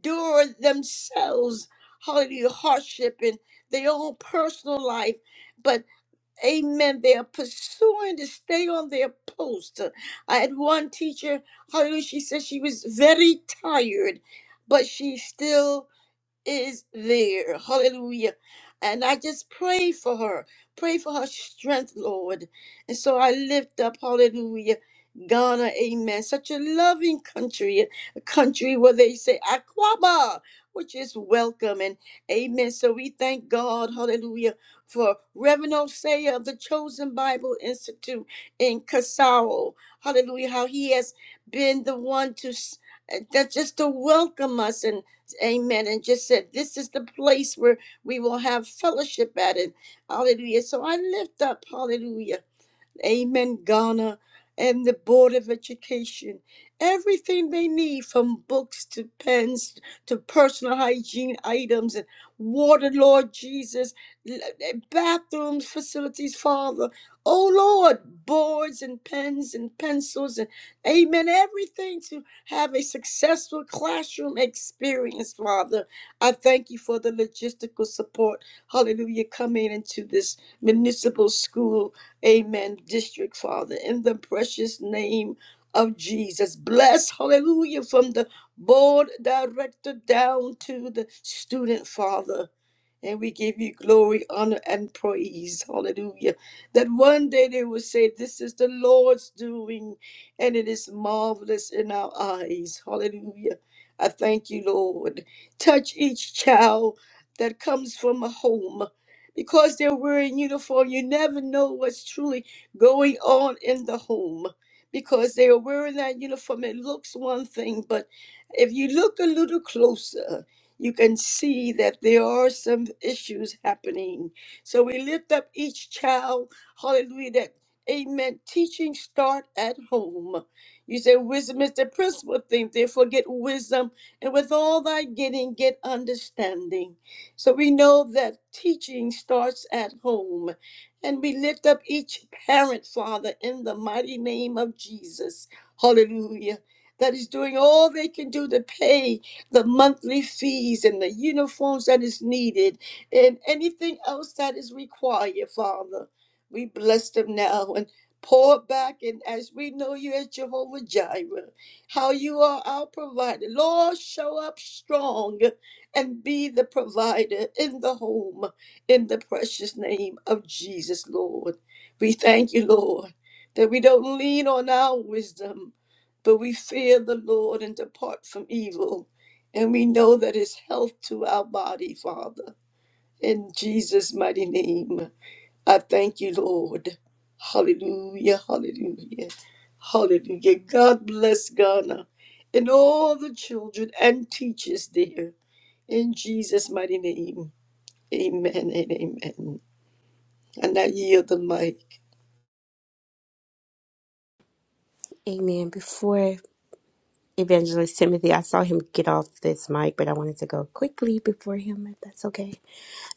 Speaker 1: endured themselves. Hallelujah, hardship their own personal life, but amen, they are pursuing to stay on their post. I had one teacher, hallelujah, she said she was very tired, but she still is there. Hallelujah. And I just pray for her. Pray for her strength, Lord. And so I lift up, hallelujah, Ghana, amen. Such a loving country, a country where they say akwaba, which is welcome. And amen. So we thank God, hallelujah, for Reverend Osea of the Chosen Bible Institute in Kasao. Hallelujah, how he has been the one to, s- uh, that just to welcome us. and. Amen. And just said, This is the place where we will have fellowship at it. Hallelujah. So I lift up, hallelujah. Amen, Ghana, and the Board of Education. Everything they need from books to pens to personal hygiene items and water, Lord Jesus, l- eh, bathrooms, facilities, Father. Oh Lord, boards and pens and pencils and amen, everything to have a successful classroom experience, Father. I thank you for the logistical support. Hallelujah, coming into this municipal school Amen. District, Father, in the precious name of Jesus. Bless, hallelujah, from the board director down to the student, Father. And we give you glory, honor, and praise. Hallelujah. That one day they will say, This is the Lord's doing, and it is marvelous in our eyes. Hallelujah. I thank you, Lord. Touch each child that comes from a home. Because they're wearing uniform, you never know what's truly going on in the home. Because they are wearing that uniform, it looks one thing, but if you look a little closer, you can see that there are some issues happening. So we lift up each child, hallelujah, that, amen, teaching start at home. You say wisdom is the principal thing, therefore get wisdom, and with all thy getting, get understanding. So we know that teaching starts at home. And we lift up each parent, Father, in the mighty name of Jesus. Hallelujah. That is doing all they can do to pay the monthly fees and the uniforms that is needed and anything else that is required, Father. We bless them now and pour back. And as we know you as Jehovah Jireh, how you are our provider. Lord, show up strong and be the provider in the home in the precious name of Jesus, Lord. We thank you, Lord, that we don't lean on our wisdom, but we fear the Lord and depart from evil. And we know that it's health to our body, Father. In Jesus' mighty name, I thank you, Lord. Hallelujah, hallelujah, hallelujah. God bless Ghana and all the children and teachers there. In Jesus' mighty name, amen and amen. And I yield the mic.
Speaker 6: Amen. Before Evangelist Timothy, I saw him get off this mic, but I wanted to go quickly before him, if that's okay.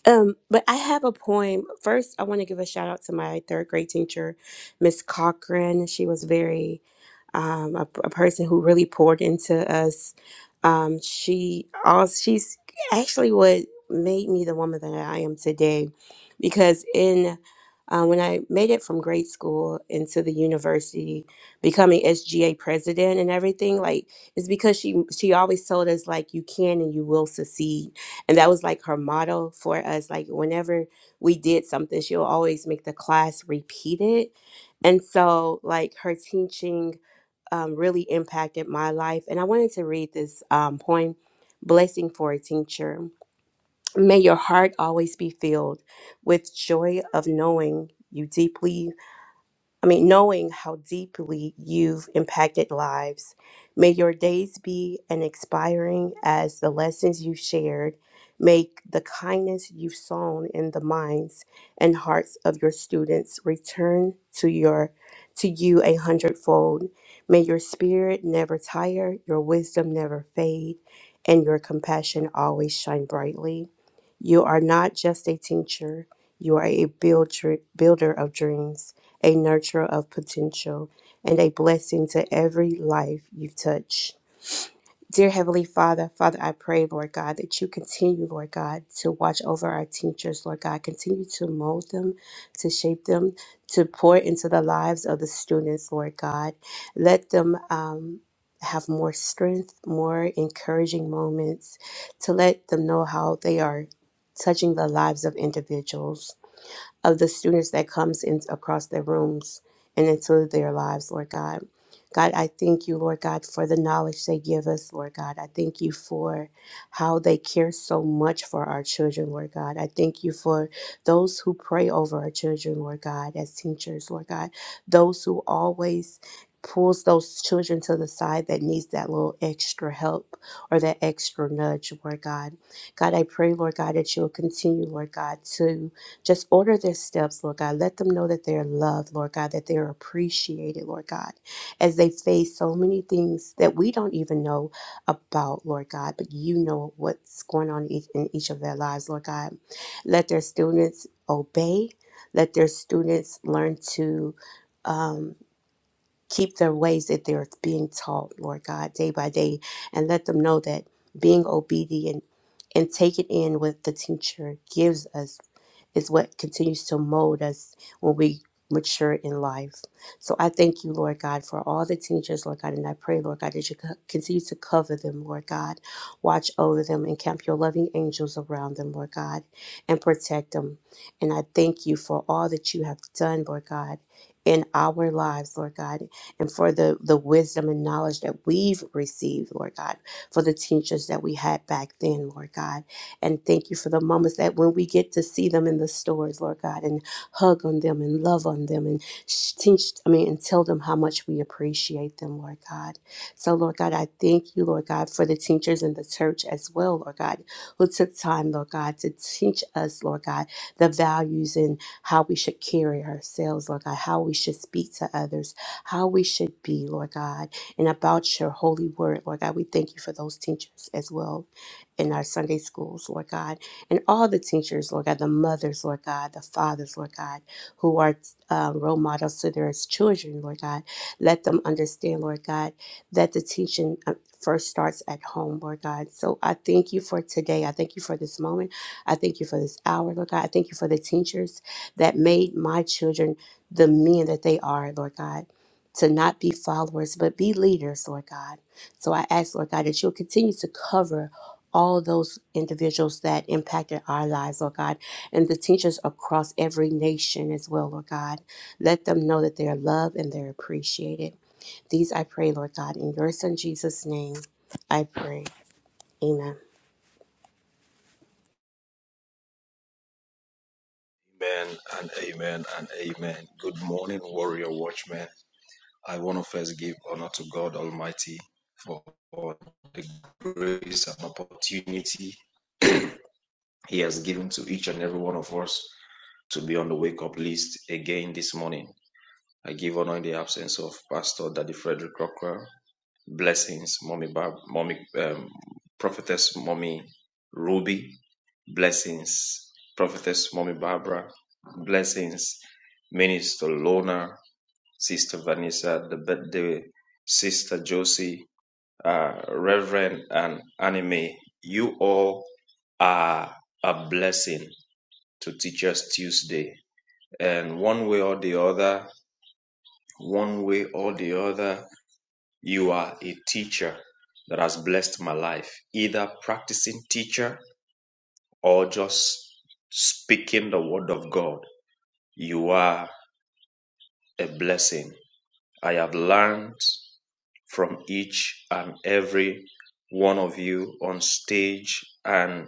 Speaker 6: Um, but I have a poem. First, I want to give a shout out to my third grade teacher, Miss Cochran. She was very um, a, a person who really poured into us. Um, she all she's actually what made me the woman that I am today, because in uh, when I made it from grade school into the university, becoming SGA president and everything, like it's because she she always told us like you can and you will succeed, and that was like her motto for us. Like whenever we did something, she'll always make the class repeat it, and so like her teaching um, really impacted my life. And I wanted to read this um, poem, Blessing for a Teacher. May your heart always be filled with joy of knowing you deeply I mean, knowing how deeply you've impacted lives, may your days be an expiring as the lessons you've shared make the kindness you've sown in the minds and hearts of your students return to your to you a hundredfold. May your spirit never tire, your wisdom never fade, and your compassion always shine brightly. You are not just a teacher, you are a builder, builder of dreams, a nurturer of potential, and a blessing to every life you touch. Dear Heavenly Father, Father, I pray, Lord God, that you continue, Lord God, to watch over our teachers, Lord God. Continue to mold them, to shape them, to pour into the lives of the students, Lord God. Let them um, have more strength, more encouraging moments, to let them know how they are touching the lives of individuals of the students that comes in across their rooms and into their lives, Lord God. God, I thank you, Lord God, for the knowledge they give us, Lord God. I thank you for how they care so much for our children, Lord God. I thank you for those who pray over our children, Lord God, as teachers, Lord God. Those who always pulls those children to the side that needs that little extra help or that extra nudge, Lord God. God, I pray, Lord God, that you'll continue, Lord God, to just order their steps, Lord God. Let them know that they're loved, Lord God, that they're appreciated, Lord God, as they face so many things that we don't even know about, Lord God, but you know what's going on each- in each of their lives, Lord God. Let their students obey. Let their students learn to um, keep their ways that they're being taught, Lord God, day by day, and let them know that being obedient and take it in what the teacher gives us is what continues to mold us when we mature in life. So I thank you, Lord God, for all the teachers, Lord God, and I pray, Lord God, that you co- continue to cover them, Lord God. Watch over them and camp your loving angels around them, Lord God, and protect them. And I thank you for all that you have done, Lord God. In our lives, Lord God, and for the, the wisdom and knowledge that we've received, Lord God, for the teachers that we had back then, Lord God. And thank you for the moments that when we get to see them in the stores, Lord God, and hug on them and love on them and sh- teach, I mean, and tell them how much we appreciate them, Lord God. So, Lord God, I thank you, Lord God, for the teachers in the church as well, Lord God, who took time, Lord God, to teach us, Lord God, the values and how we should carry ourselves, Lord God, how we should speak to others, how we should be, Lord God, and about your holy word, Lord God. We thank you for those teachers as well in our Sunday schools, Lord God, and all the teachers, Lord God, the mothers, Lord God, the fathers, Lord God, who are uh, role models to their children, Lord God. Let them understand, Lord God, that the teaching uh, first starts at home, Lord God. So I thank you for today. I thank you for this moment. I thank you for this hour, Lord God. I thank you for the teachers that made my children the men that they are, Lord God. To not be followers, but be leaders, Lord God. So I ask, Lord God, that you'll continue to cover all of those individuals that impacted our lives, Lord God, and the teachers across every nation as well, Lord God. Let them know that they are loved and they're appreciated. These I pray, Lord God, in your Son Jesus' name, I pray. Amen.
Speaker 5: Amen and amen and amen. Good morning, warrior watchmen. I want to first give honor to God Almighty for the grace and opportunity He has given to each and every one of us to be on the wake up list again this morning. I give honor in the absence of Pastor Daddy Frederick Crocker. Blessings, Mommy Barb, Mommy, um, Prophetess Mommy Ruby. Blessings, Prophetess Mommy Barbara. Blessings, Minister Lona, Sister Vanessa, the birthday, Sister Josie, uh, Reverend and Anime. You all are a blessing to Teachers Tuesday and one way or the other, one way or the other, you are a teacher that has blessed my life, either practicing teacher or just speaking the word of God. You are a blessing. I have learned from each and every one of you on stage and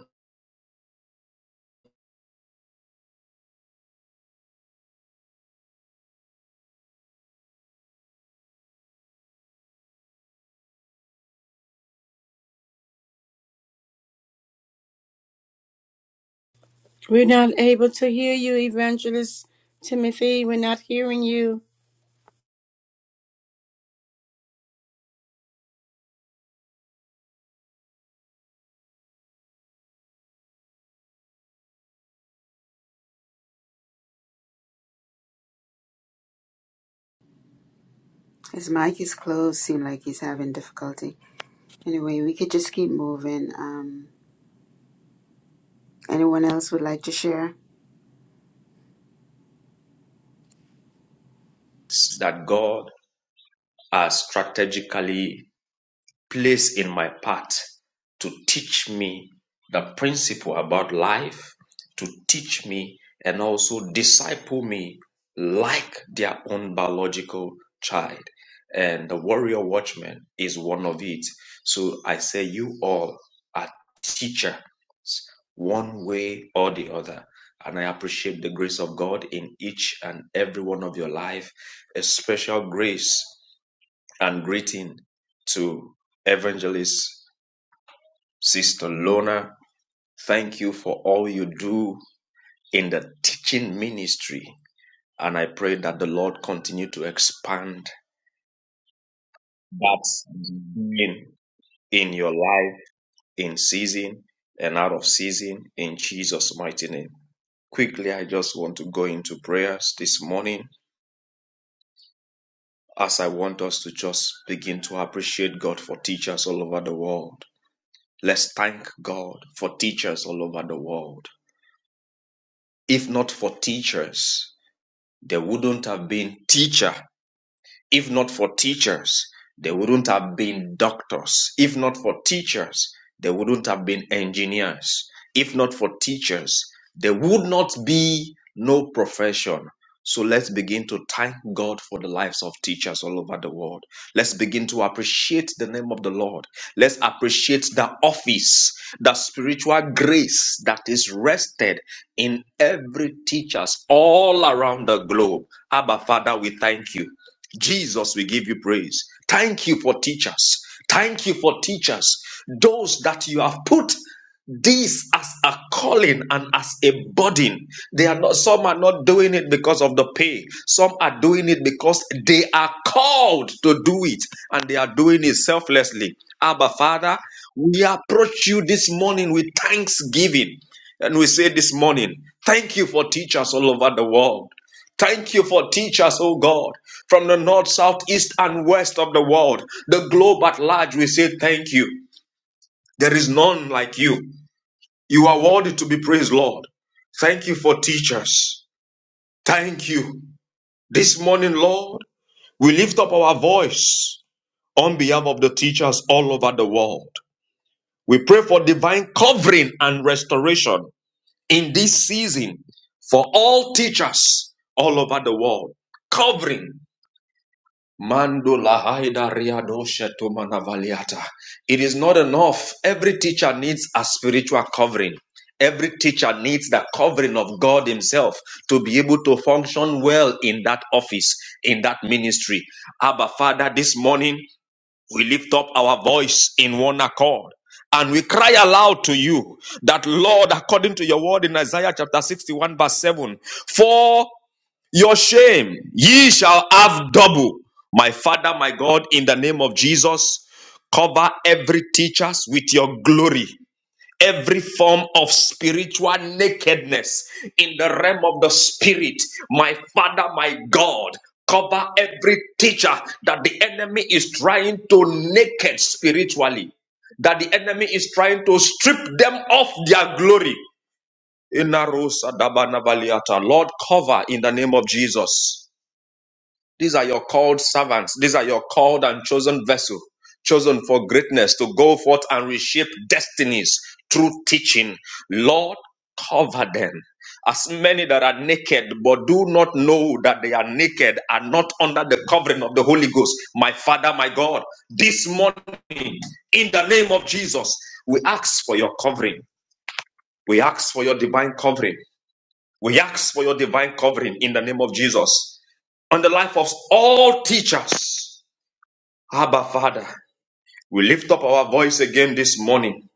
Speaker 1: We're not able to hear you, Evangelist Timothy. We're not hearing you.
Speaker 2: His mic is closed. Seemed like he's having difficulty. Anyway, we could just keep moving. Um, Anyone else would like to share?
Speaker 5: that God has strategically plays in my part to teach me the principle about life, to teach me and also disciple me like their own biological child. And the warrior watchman is one of it. So I say, you all are teachers, one way or the other. And I appreciate the grace of God in each and every one of your life, a special grace and greeting to Evangelist Sister Lona. Thank you for all you do in the teaching ministry. And I pray that the Lord continue to expand that in, in your life, in season and out of season, in Jesus' mighty name. Quickly, I just want to go into prayers this morning as I want us to just begin to appreciate God for teachers all over the world. Let's thank God for teachers all over the world. If not for teachers, there wouldn't have been teacher if not for teachers, they wouldn't have been doctors. If not for teachers, they wouldn't have been engineers. If not for teachers, there would not be no profession. So let's begin to thank God for the lives of teachers all over the world. Let's begin to appreciate the name of the Lord. Let's appreciate the office, the spiritual grace that is rested in every teachers all around the globe. Abba Father, we thank you. Jesus, we give you praise. Thank you for teachers. Thank you for teachers. Those that you have put this as a calling and as a burden. They are not, some are not doing it because of the pay. Some are doing it because they are called to do it and they are doing it selflessly. Abba, Father, we approach you this morning with thanksgiving. And we say this morning, thank you for teachers all over the world. Thank you for teachers, us, O God, from the north, south, east, and west of the world, the globe at large. We say thank you. There is none like you. You are worthy to be praised, Lord. Thank you for teachers. Thank you. This morning, Lord, we lift up our voice on behalf of the teachers all over the world. We pray for divine covering and restoration in this season for all teachers all over the world. Covering Mando lahaida riadoshe to manavaliata. It is not enough. Every teacher needs a spiritual covering. Every teacher needs the covering of God Himself to be able to function well in that office, in that ministry. Abba, Father, this morning we lift up our voice in one accord and we cry aloud to you that, Lord, according to your word in Isaiah chapter 61, verse 7, for your shame ye shall have double my father my god in the name of jesus cover every teachers with your glory every form of spiritual nakedness in the realm of the spirit my father my god cover every teacher that the enemy is trying to naked spiritually that the enemy is trying to strip them of their glory Inarosa dabanavaliata. Lord, cover in the name of Jesus. These are your called servants. These are your called and chosen vessel, chosen for greatness to go forth and reshape destinies through teaching. Lord, cover them. As many that are naked but do not know that they are naked are not under the covering of the Holy Ghost. My Father, my God, this morning in the name of Jesus, we ask for your covering. We ask for your divine covering. We ask for your divine covering in the name of Jesus on the life of all teachers Abba, Father, we lift up our voice again this morning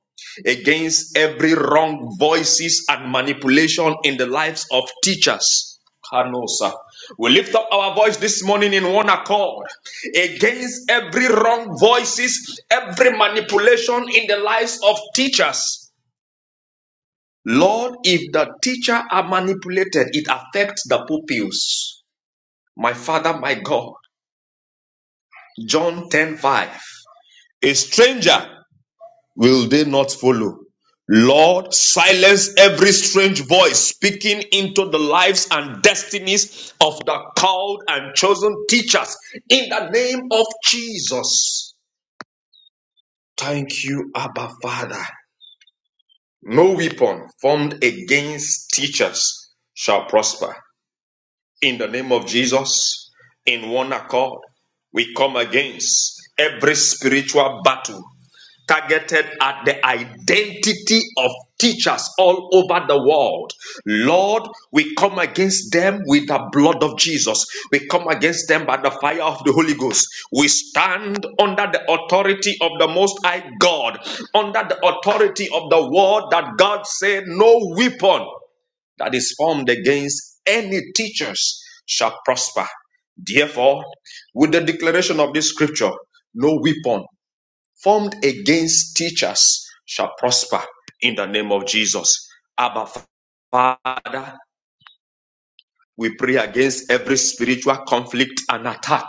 Speaker 5: against every wrong voices and manipulation in the lives of teachers. Kanosa. We lift up our voice this morning in one accord against every wrong voices, every manipulation in the lives of teachers. Lord, if the teacher are manipulated, it affects the pupils. My Father, my God. John 10 5. A stranger will they not follow? Lord, silence every strange voice speaking into the lives and destinies of the called and chosen teachers in the name of Jesus. Thank you, Abba Father. No weapon formed against teachers shall prosper. In the name of Jesus, in one accord, we come against every spiritual battle targeted at the identity of teachers all over the world. Lord, we come against them with the blood of Jesus. We come against them by the fire of the Holy Ghost. We stand under the authority of the Most High God, under the authority of the word that God said, No weapon that is formed against any teachers shall prosper. Therefore, with the declaration of this scripture, no weapon formed against teachers shall prosper in the name of Jesus. Abba Father, we pray against every spiritual conflict and attack,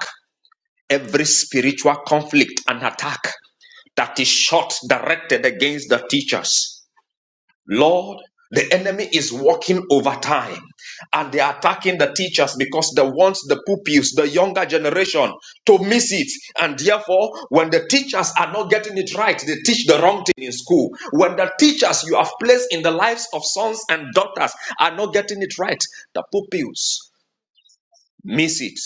Speaker 5: every spiritual conflict and attack that is shot directed against the teachers. Lord, the enemy is working overtime and they're attacking the teachers because they want the pupils, the younger generation, to miss it. And therefore, when the teachers are not getting it right, they teach the wrong thing in school. When the teachers you have placed in the lives of sons and daughters are not getting it right, the pupils miss it.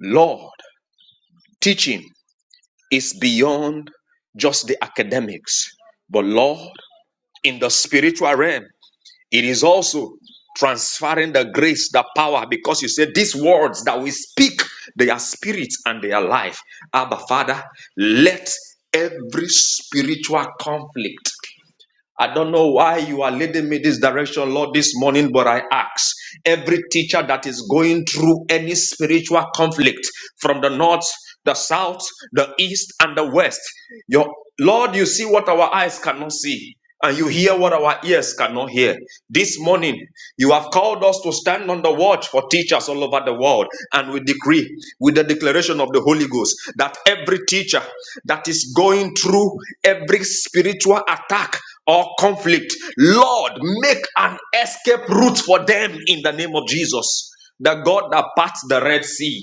Speaker 5: Lord, teaching is beyond just the academics, but Lord, in the spiritual realm. It is also transferring the grace, the power, because you said these words that we speak, they are spirit and they are life. Abba, Father, let every spiritual conflict I don't know why you are leading me this direction, Lord, this morning, but I ask every teacher that is going through any spiritual conflict from the north, the south, the east, and the west, your Lord, you see what our eyes cannot see. And you hear what our ears cannot hear. This morning, you have called us to stand on the watch for teachers all over the world. And we decree with the declaration of the Holy Ghost that every teacher that is going through every spiritual attack or conflict. Lord, make an escape route for them in the name of Jesus. The God that parts the Red Sea,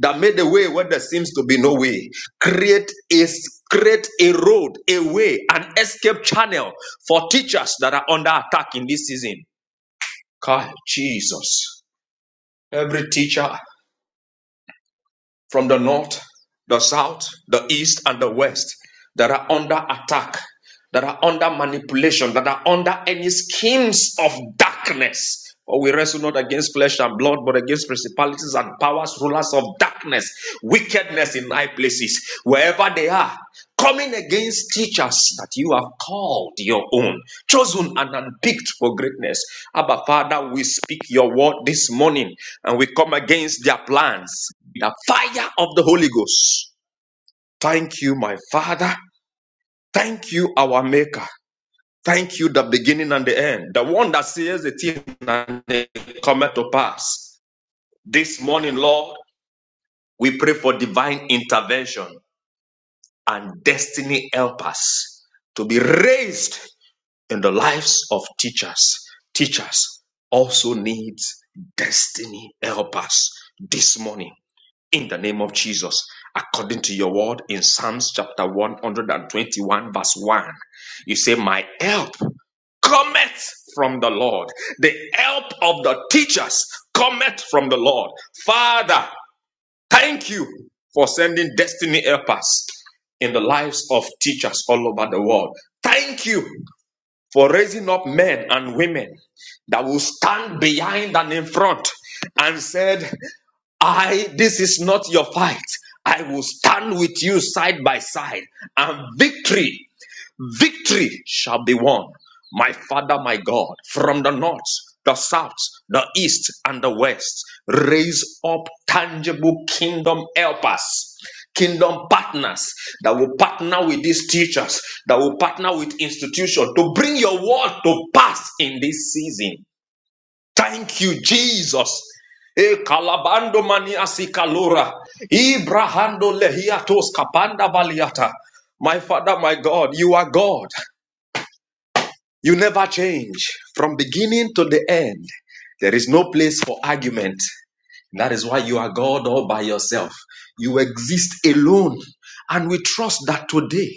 Speaker 5: that made a way where there seems to be no way, create a create a road, a way, an escape channel for teachers that are under attack in this season. God, Jesus, every teacher from the north, the south, the east, and the west that are under attack, that are under manipulation, that are under any schemes of darkness. For we wrestle not against flesh and blood, but against principalities and powers, rulers of darkness, wickedness in high places, wherever they are, coming against teachers that you have called your own, chosen and unpicked for greatness. Abba, Father, we speak your word this morning and we come against their plans the fire of the Holy Ghost. Thank you, my Father. Thank you, our Maker. Thank you, the beginning and the end, the one that says the thing and it cometh to pass. This morning, Lord, we pray for divine intervention and destiny helpers to be raised in the lives of teachers. Teachers also needs destiny helpers this morning. in the name of Jesus, according to your word in Psalms chapter 121, verse 1. You say, My help cometh from the Lord. The help of the teachers cometh from the Lord. Father, thank you for sending destiny helpers in the lives of teachers all over the world. Thank you for raising up men and women that will stand behind and in front and said I, this is not your fight. I will stand with you side by side, and victory, victory shall be won. My Father, my God, from the north, the south, the east, and the west, raise up tangible kingdom helpers kingdom partners that will partner with these teachers, that will partner with institutions to bring your word to pass in this season. Thank you, Jesus. E kalabando maniasi kalora. Ibrahando lehiatos kapanda baliata. My Father, my God, you are God. You never change. From beginning to the end, there is no place for argument. That is why you are God all by yourself. You exist alone. And we trust that today.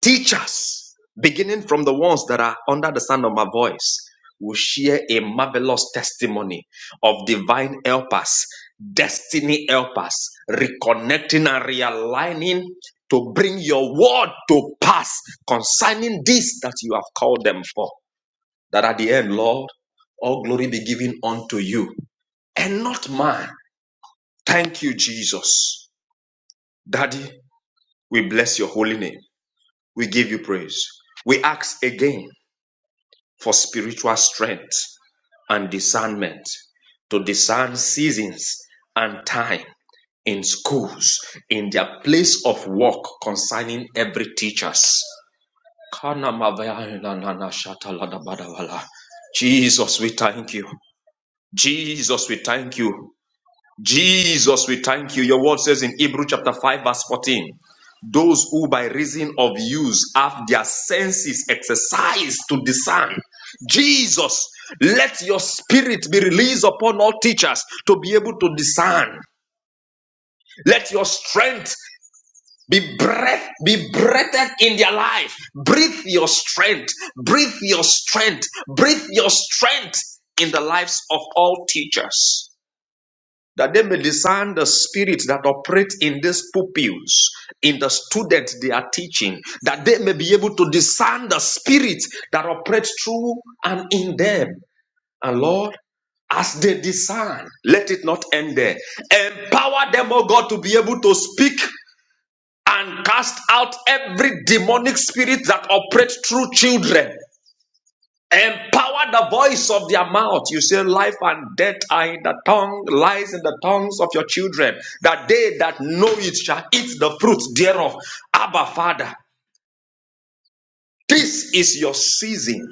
Speaker 5: Teachers, beginning from the ones that are under the sound of my voice, will share a marvelous testimony of divine helpers, destiny helpers, reconnecting and realigning to bring your word to pass concerning this that you have called them for. That at the end, Lord, all glory be given unto you and not man. Thank you, Jesus. Daddy, we bless your holy name. We give you praise. We ask again for spiritual strength and discernment to discern seasons and time in schools, in their place of work concerning every teachers. Jesus, we thank you. Jesus, we thank you. Jesus, we thank you. Your word says in Hebrews chapter 5, verse 14. Those who by reason of use have their senses exercised to discern. Jesus, let your spirit be released upon all teachers to be able to discern. Let your strength be breath be breathed in their life. Breathe your strength. Breathe your strength. Breathe your strength in the lives of all teachers that they may discern the spirit that operates in these pupils, in the students they are teaching, that they may be able to discern the spirit that operates through and in them. And Lord, as they discern, let it not end there. Empower them, O God, to be able to speak and cast out every demonic spirit that operates through children. Empower the voice of their mouth. You say, Life and death are in the tongue, lies in the tongues of your children, that they that know it shall eat the fruit thereof. Abba, Father, this is your season.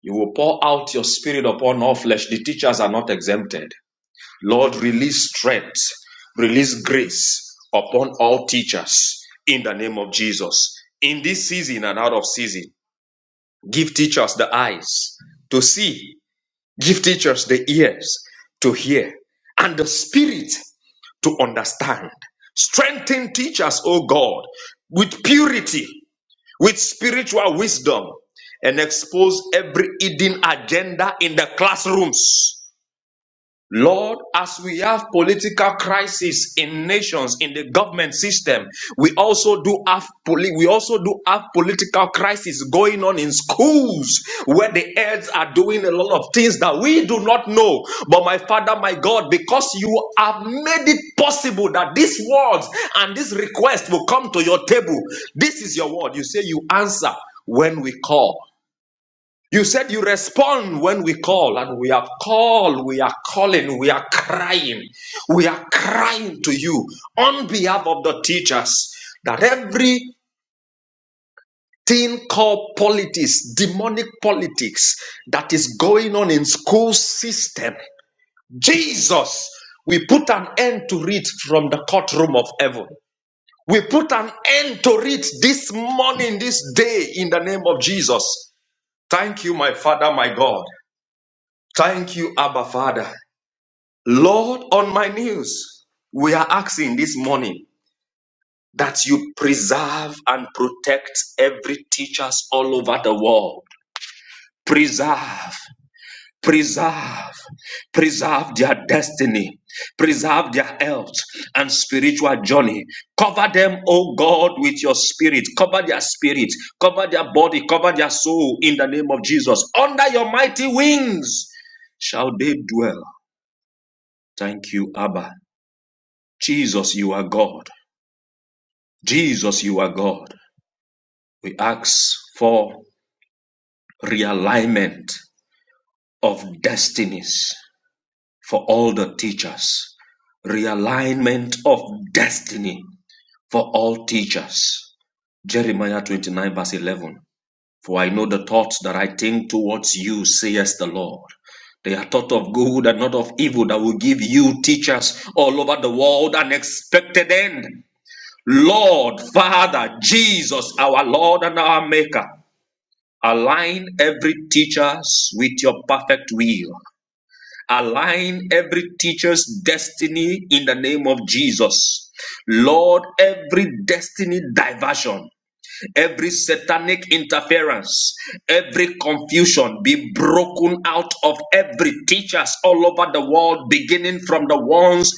Speaker 5: You will pour out your spirit upon all flesh. The teachers are not exempted. Lord, release strength, release grace upon all teachers in the name of Jesus. In this season and out of season, give teachers the eyes to see Give teachers the ears to hear and the spirit to understand. Strengthen teachers, O God, with purity, with spiritual wisdom, and expose every hidden agenda in the classrooms. Lord, as we have political crisis in nations, in the government system, we also do have poli- we also do have political crisis going on in schools where the heads are doing a lot of things that we do not know. But my Father, my God, because you have made it possible that these words and this request will come to your table. This is your word. You say you answer when we call. You said you respond when we call, and we have called, we are calling, we are crying, we are crying to you on behalf of the teachers that everything called politics, demonic politics that is going on in school system, Jesus, we put an end to it from the courtroom of heaven. We put an end to it this morning, this day, in the name of Jesus. Thank you, my Father, my God. Thank you, Abba Father. Lord, on my knees, we are asking this morning that you preserve and protect every teachers all over the world. Preserve, preserve, preserve their destiny, preserve their health and spiritual journey. Cover them, O God, with your spirit. Cover their spirit, cover their body, cover their soul in the name of Jesus. Under your mighty wings shall they dwell. Thank you, Abba. Jesus, you are God. Jesus, you are God. We ask for realignment of destinies for all the teachers, realignment of destiny for all teachers. Jeremiah 29, verse 11. For I know the thoughts that I think towards you, says the Lord. They are thought of good and not of evil that will give you teachers all over the world an expected end. Lord, Father, Jesus, our Lord and our Maker, align every teacher's with your perfect will. Align every teacher's destiny in the name of Jesus. Lord, every destiny diversion, every satanic interference, every confusion be broken out of every teachers all over the world, beginning from the ones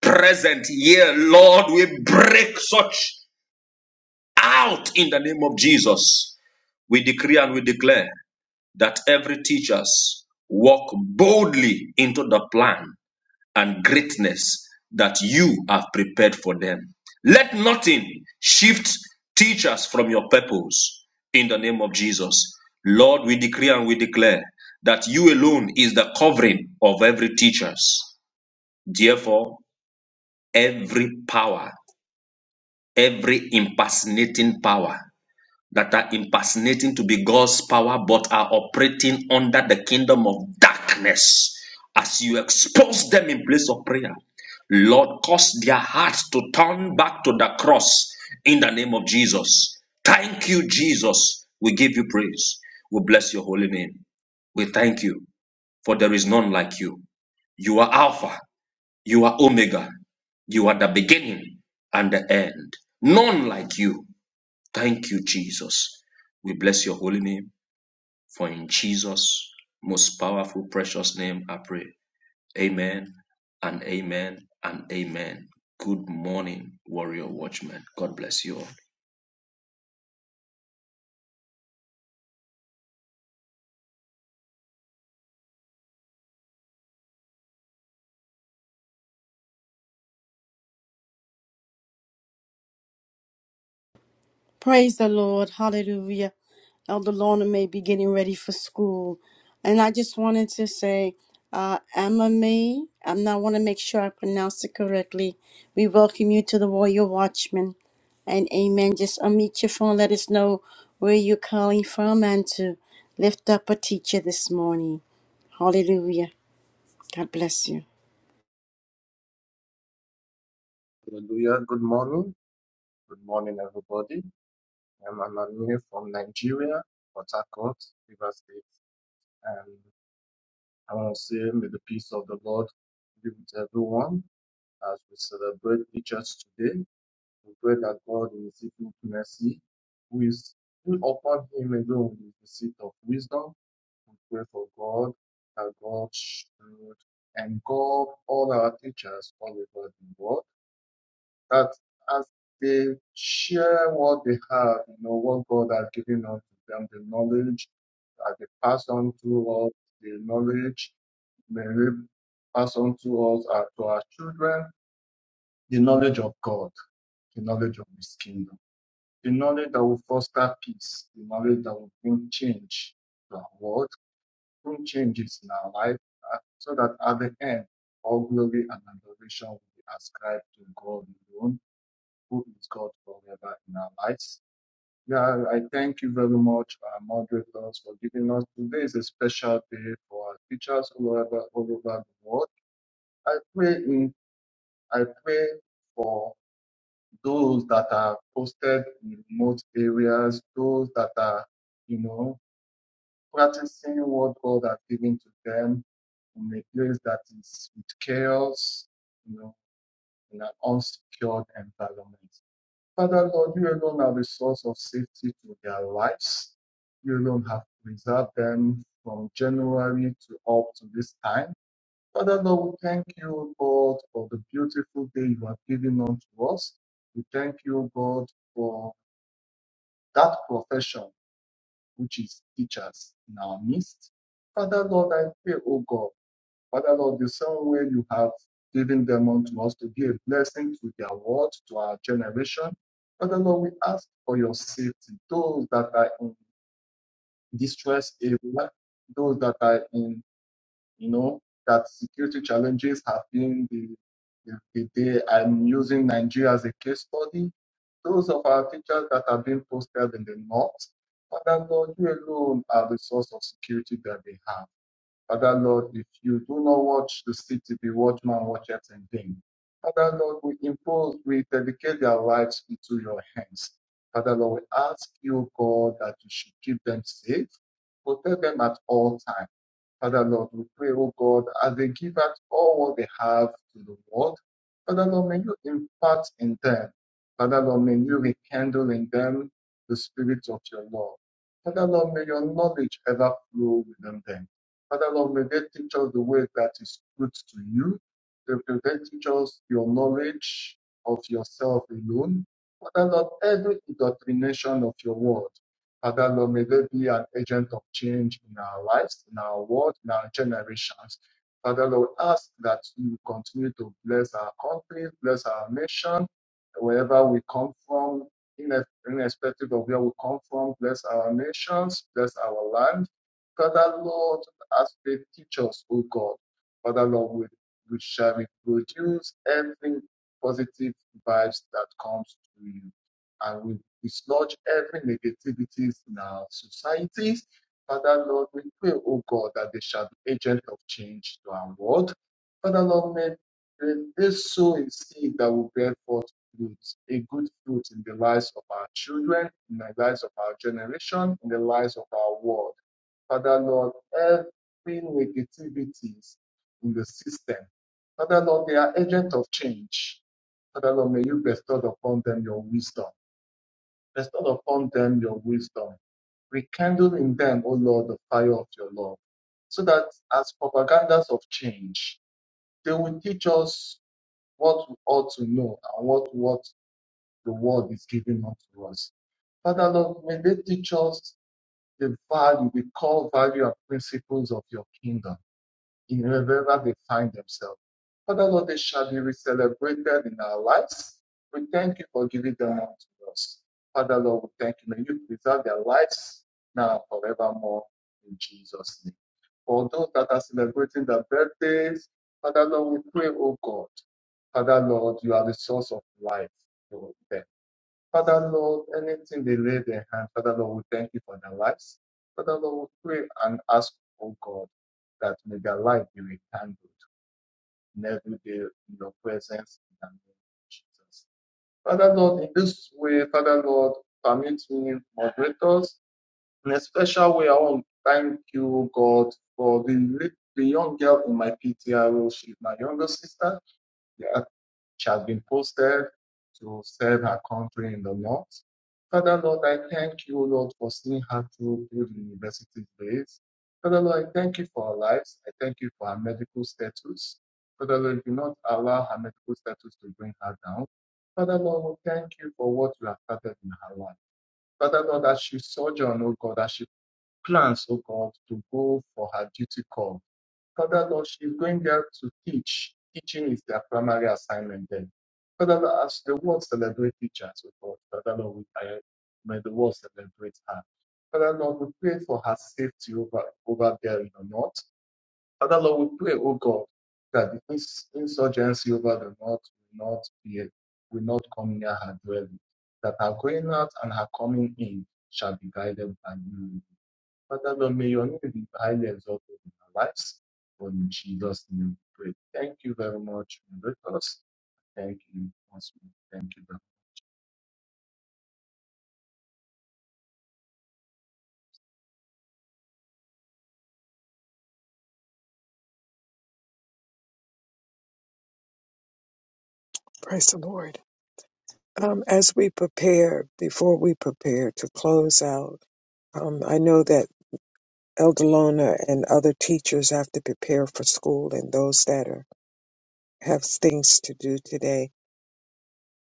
Speaker 5: present here. Lord, we break such out in the name of Jesus. We decree and we declare that every teachers walk boldly into the plan and greatness that you have prepared for them. Let nothing shift teachers from your purpose in the name of Jesus. Lord, we decree and we declare that you alone is the covering of every teachers. Therefore, every power, every impersonating power that are impersonating to be God's power but are operating under the kingdom of darkness. As you expose them in place of prayer, Lord, cause their hearts to turn back to the cross in the name of Jesus. Thank you, Jesus. We give you praise. We bless your holy name. We thank you, for there is none like you. You are Alpha, you are Omega, you are the beginning and the end. None like you. Thank you, Jesus. We bless your holy name, for in Jesus' most powerful, precious name I pray. Amen and amen and amen. Good morning, warrior watchmen. God bless you all.
Speaker 1: Praise the Lord. Hallelujah. Elder Lorna may be getting ready for school. And I just wanted to say, uh, Amame, I'm not want to make sure I pronounced it correctly. We welcome you to the Warrior Watchman. And amen. Just unmute your phone. Let us know where you're calling from and to lift up a teacher this morning. Hallelujah. God bless you.
Speaker 8: Hallelujah. Good morning. Good morning, everybody. I'm Anani from Nigeria, Port Harcourt, River State. And I want to say, may the peace of the Lord be with everyone as we celebrate the church today. We pray that God will receive his infinite mercy, who is who upon him alone is the seat of wisdom. We pray for God that God should engulf all our teachers all over the world that as they share what they have, you know, what God has given unto them, the knowledge that they pass on to us, the knowledge may we pass on to us, uh, to our children, the knowledge of God, the knowledge of His kingdom, the knowledge that will foster peace, the knowledge that will bring change to our world, bring changes in our life, uh, so that at the end, all glory and adoration will be ascribed to God alone goodness God forever in our lives. Yeah, I thank you very much, uh, moderators, for giving us today is a special day for our teachers all over all over the world. I pray in I pray for those that are posted in remote areas, those that are, you know, practicing what God has given to them in a place that is with chaos, you know, in an unsecured environment. Father Lord, you alone are the source of safety to their lives. You alone have preserved them from January to up to this time. Father Lord, we thank you, God, for the beautiful day you have given unto us. We thank you, God, for that profession which is teachers in our midst. Father Lord, I pray, O God. Father Lord, the same way you have given them unto us to be a blessing to their world, to our generation. Father Lord, we ask for your safety. Those that are in distress area, those that are in, you know, that security challenges have been the, the, the day I'm using Nigeria as a case study. Those of our teachers that have been posted in the north, Father Lord, you alone are the source of security that they have. Father Lord, if you do not watch the city, the watchman watches in vain. Father Lord, we impose, we dedicate their lives into your hands. Father Lord, we ask you, God, that you should keep them safe, protect them at all times. Father Lord, we pray, oh God, as they give out all what they have to the world, Father Lord, may you impart in them. Father Lord, may you rekindle in them the spirit of your love. Father Lord, may your knowledge ever flow within them. Father Lord, may they teach us the way that is good to you. They may they teach us your knowledge of yourself alone. Father Lord, every indoctrination of your word. Father Lord, may they be an agent of change in our lives, in our world, in our generations. Father Lord, ask that you continue to bless our country, bless our nation, wherever we come from, ine- irrespective of where we come from, bless our nations, bless our land. Father Lord, as they teach us, O God, Father Lord, we, we shall reproduce every positive vibes that comes to you and we dislodge every negativities in our societies. Father Lord, we pray, oh God, that they shall be agents of change to our world. Father Lord, may may they sow a seed that will bear forth fruit, a good fruit in the lives of our children, in the lives of our generation, in the lives of our world. Father Lord, every negativities in the system. Father Lord, they are agents of change. Father Lord, may you bestow upon them your wisdom. Bestow upon them your wisdom. Rekindle in them, O Lord, the fire of your love, so that as propagandas of change, they will teach us what we ought to know and what, what the world is giving unto us. Father, Lord, may they teach us the value, the core value and principles of your kingdom in wherever they find themselves. Father Lord, they shall be celebrated in our lives. We thank you for giving them unto us. Father Lord, we thank you. May you preserve their lives now forevermore in Jesus' name. For those that are celebrating their birthdays, Father Lord, we pray, oh God. Father Lord, you are the source of life. for them. Father Lord, anything they lay their hand, Father Lord, we thank you for their lives. Father Lord, we pray and ask, oh God, that may their life be rekindled in every day in your presence in the name of Jesus. Father Lord, in this way, Father Lord, permit me, moderators, in a special way, I want to thank you, God, for the, the young girl in my PTR, role. she's my younger sister. They she has been posted to serve her country in the north. Father Lord, I thank you, Lord, for seeing her through through the university days. Father Lord, I thank you for her lives. I thank you for her medical status. Father Lord, do not allow her medical status to bring her down. Father Lord, we thank you for what you have started in her life. Father Lord, as she sojourns, oh God, as she plans, oh God, to go for her duty call. Father Lord, she's going there to teach. Teaching is their primary assignment then. Father Lord, as the world celebrate teachers with God, Father Lord, we, I, may the world celebrate her. Father Lord, we pray for her safety over, over there in the north. Father Lord, we pray, oh God, that the ins- insurgency over the north will not be, will not come near her dwelling. That her going out and her coming in shall be guided by you. Father, Lord, may your name be highly exalted in our lives. For in Jesus' name we pray. Thank you very much, Lord. Thank you. once more. Thank you.
Speaker 3: Praise the Lord. Um, as we prepare, before we prepare to close out, um, I know that Elder Lona and other teachers have to prepare for school and those that are, have things to do today.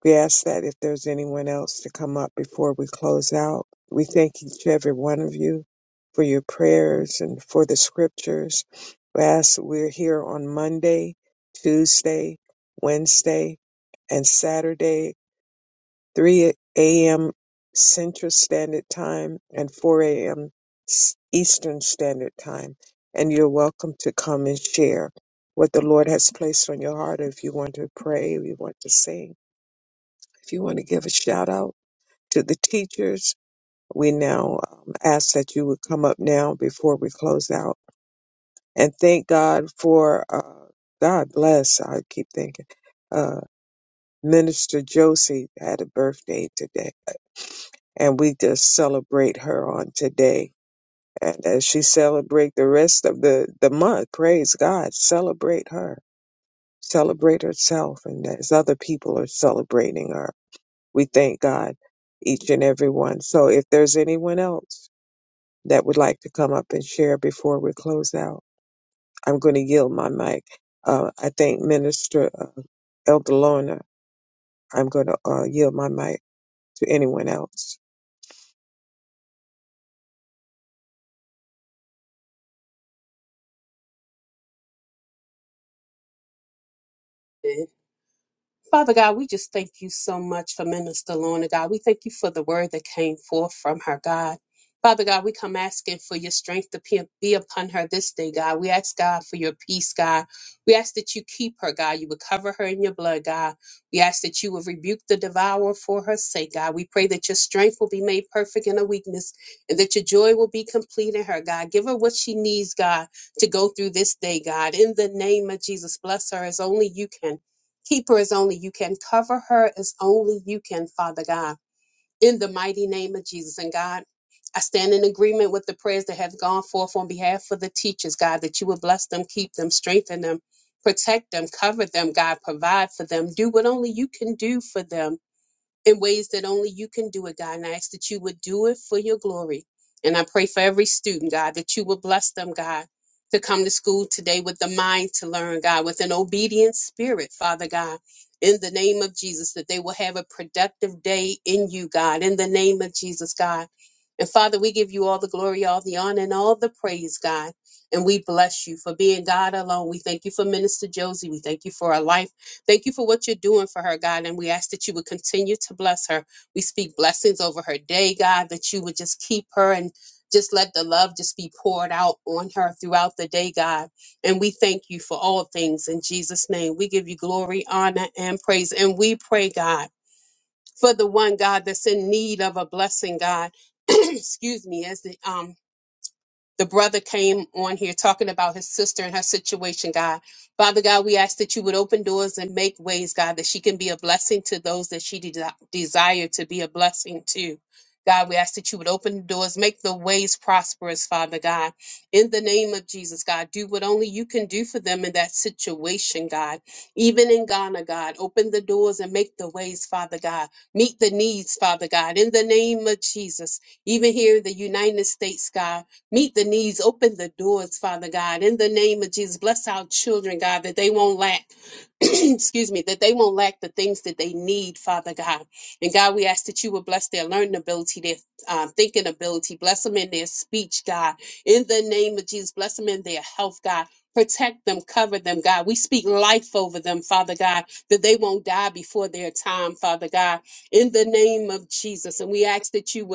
Speaker 3: We ask that if there's anyone else to come up before we close out, we thank each every one of you for your prayers and for the scriptures. We ask we're here on Monday, Tuesday, Wednesday, and Saturday 3 a.m. Central Standard Time and 4 a.m. Eastern Standard Time. And you're welcome to come and share what the Lord has placed on your heart. If you want to pray, if you want to sing, if you want to give a shout out to the teachers, we now um, ask that you would come up now before we close out. And thank God for, uh, God bless, I keep thinking. uh, Minister Josie had a birthday today, and we just celebrate her on today. And as she celebrate the rest of the, the month, praise God, celebrate her, celebrate herself. And as other people are celebrating her, we thank God, each and every one. So if there's anyone else that would like to come up and share before we close out, I'm going to yield my mic. Uh, I thank Minister uh, Elder Lorna. I'm going to uh, yield my mic. to anyone else.
Speaker 4: Hey, Father God, we just thank you so much for Minister Lorna, God. We thank you for the word that came forth from her, God. Father God, we come asking for your strength to pe- be upon her this day, God. We ask, God, for your peace, God. We ask that you keep her, God. You would cover her in your blood, God. We ask that you would rebuke the devourer for her sake, God. We pray that your strength will be made perfect in her weakness and that your joy will be complete in her, God. Give her what she needs, God, to go through this day, God. In the name of Jesus, bless her as only you can. Keep her as only you can. Cover her as only you can, Father God. In the mighty name of Jesus and God. I stand in agreement with the prayers that have gone forth on behalf of the teachers, God, that you would bless them, keep them, strengthen them, protect them, cover them, God, provide for them, do what only you can do for them in ways that only you can do it, God. And I ask that you would do it for your glory. And I pray for every student, God, that you would bless them, God, to come to school today with the mind to learn, God, with an obedient spirit, Father God. In the name of Jesus, that they will have a productive day in you, God. In the name of Jesus, God. And Father, we give you all the glory, all the honor, and all the praise, God. And we bless you for being God alone. We thank you for Minister Josie. We thank you for our life. Thank you for what you're doing for her, God. And we ask that you would continue to bless her. We speak blessings over her day, God, that you would just keep her and just let the love just be poured out on her throughout the day, God. And we thank you for all things in Jesus' name. We give you glory, honor, and praise. And we pray, God, for the one, God, that's in need of a blessing, God. Excuse me, as the um the brother came on here talking about his sister and her situation, God. Father God, we ask that you would open doors and make ways, God, that she can be a blessing to those that she de- desire to be a blessing to. God, we ask that you would open the doors, make the ways prosperous, Father God. In the name of Jesus, God, do what only you can do for them in that situation, God. Even in Ghana, God, open the doors and make the ways, Father God. Meet the needs, Father God. In the name of Jesus, even here in the United States, God. Meet the needs, open the doors, Father God. In the name of Jesus, bless our children, God, that they won't lack, excuse me, that they won't lack the things that they need, Father God. And God, we ask that you would bless their learning ability, their um, thinking ability, bless them in their speech, God. In the name of Jesus, bless them in their health, God. Protect them, cover them, God. We speak life over them, Father God, that they won't die before their time, Father God. In the name of Jesus. And we ask that you would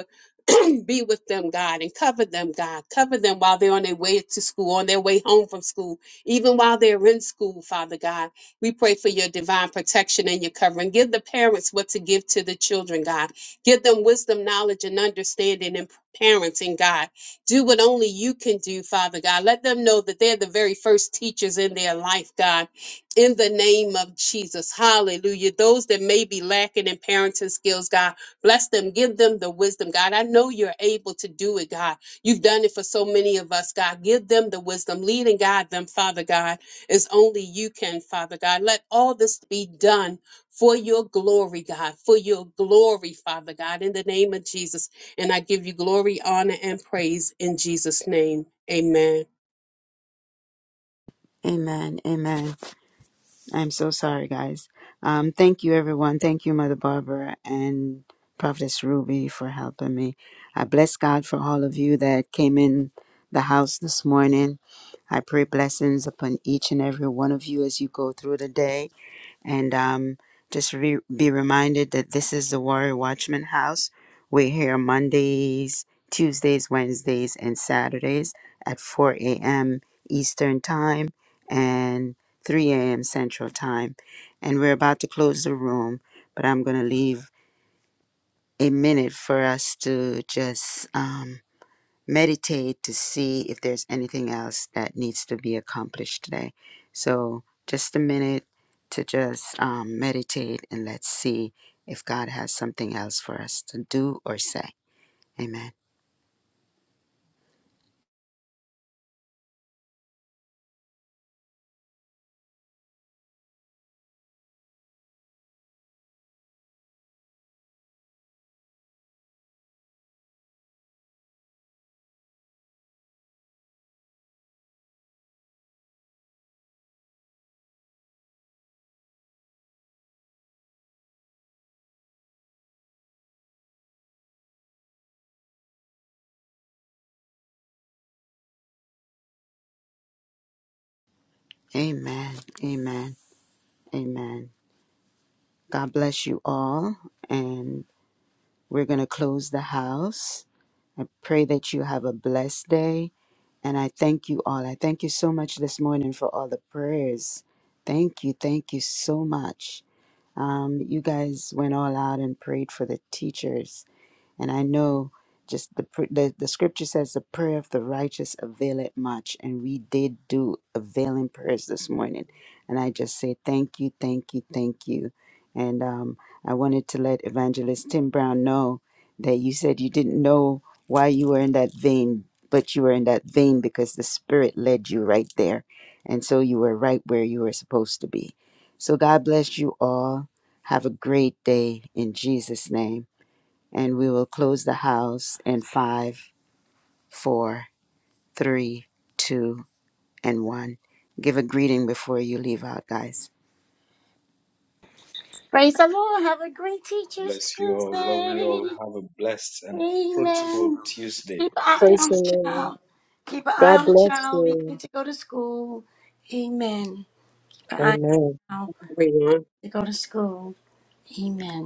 Speaker 4: you be with them, God, and cover them, God. Cover them while they're on their way to school, on their way home from school, even while they're in school, Father God. We pray for your divine protection and your covering. Give the parents what to give to the children, God. Give them wisdom, knowledge, and understanding and parenting, God. Do what only you can do, Father God. Let them know that they're the very first teachers in their life, God. In the name of Jesus. Hallelujah. Those that may be lacking in parenting skills, God. Bless them. Give them the wisdom, God. I know you're able to do it, God. You've done it for so many of us, God. Give them the wisdom. Lead and guide them, Father God, as only you can, Father God. Let all this be done for your glory, God, for your glory, Father God, in the name of Jesus. And I give you glory, honor, and praise in Jesus' name. Amen.
Speaker 2: Amen. Amen. I'm so sorry, guys. Um, thank you, everyone. Thank you, Mother Barbara and Prophetess Ruby for helping me. I bless God for all of you that came in the house this morning. I pray blessings upon each and every one of you as you go through the day. and um, just re- be reminded that this is the Warrior Watchman House. We're here Mondays, Tuesdays, Wednesdays, and Saturdays at 4 a.m. Eastern Time and 3 a.m. Central Time. And we're about to close the room, but I'm going to leave a minute for us to just. um meditate to see if there's anything else that needs to be accomplished today. So, just a minute to just um, meditate and let's see if God has something else for us to do or say. Amen. Amen. Amen. Amen. God bless you all. And we're going to close the house. I pray that you have a blessed day. And I thank you all. I thank you so much this morning for all the prayers. Thank you. Thank you so much. Um, you guys went all out and prayed for the teachers. And I know just the, pr- the the scripture says the prayer of the righteous availeth much, and we did do availing prayers this morning. And I just say thank you, thank you, thank you. And um, I wanted to let Evangelist Tim Brown know that you said you didn't know why you were in that vein, but you were in that vein because the Spirit led you right there, and so you were right where you were supposed to be. So God bless you all. Have a great day in Jesus' name and we will close the house in five, four, three, two, and one. Give a greeting before you leave out, guys.
Speaker 1: Praise the Lord. Have a great Teacher's
Speaker 5: Bless you all. You
Speaker 1: Tuesday.
Speaker 5: all have a blessed and fruitful
Speaker 1: Amen.
Speaker 5: day.
Speaker 1: Keep an eye
Speaker 3: Praise
Speaker 1: on
Speaker 3: the
Speaker 1: the
Speaker 3: Lord.
Speaker 1: child. Keep an eye
Speaker 3: God
Speaker 1: on the
Speaker 3: bless
Speaker 1: child leaving
Speaker 3: you.
Speaker 1: to go to school. Amen. Keep an eye on
Speaker 3: Amen.
Speaker 1: the child
Speaker 4: Everyone.
Speaker 1: to go to school. Amen.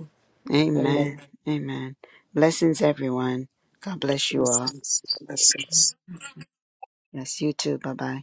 Speaker 3: Amen.
Speaker 2: Amen. Amen. Blessings, everyone. God bless you all.
Speaker 3: Blessings. Blessings.
Speaker 2: Bless you too. Bye bye.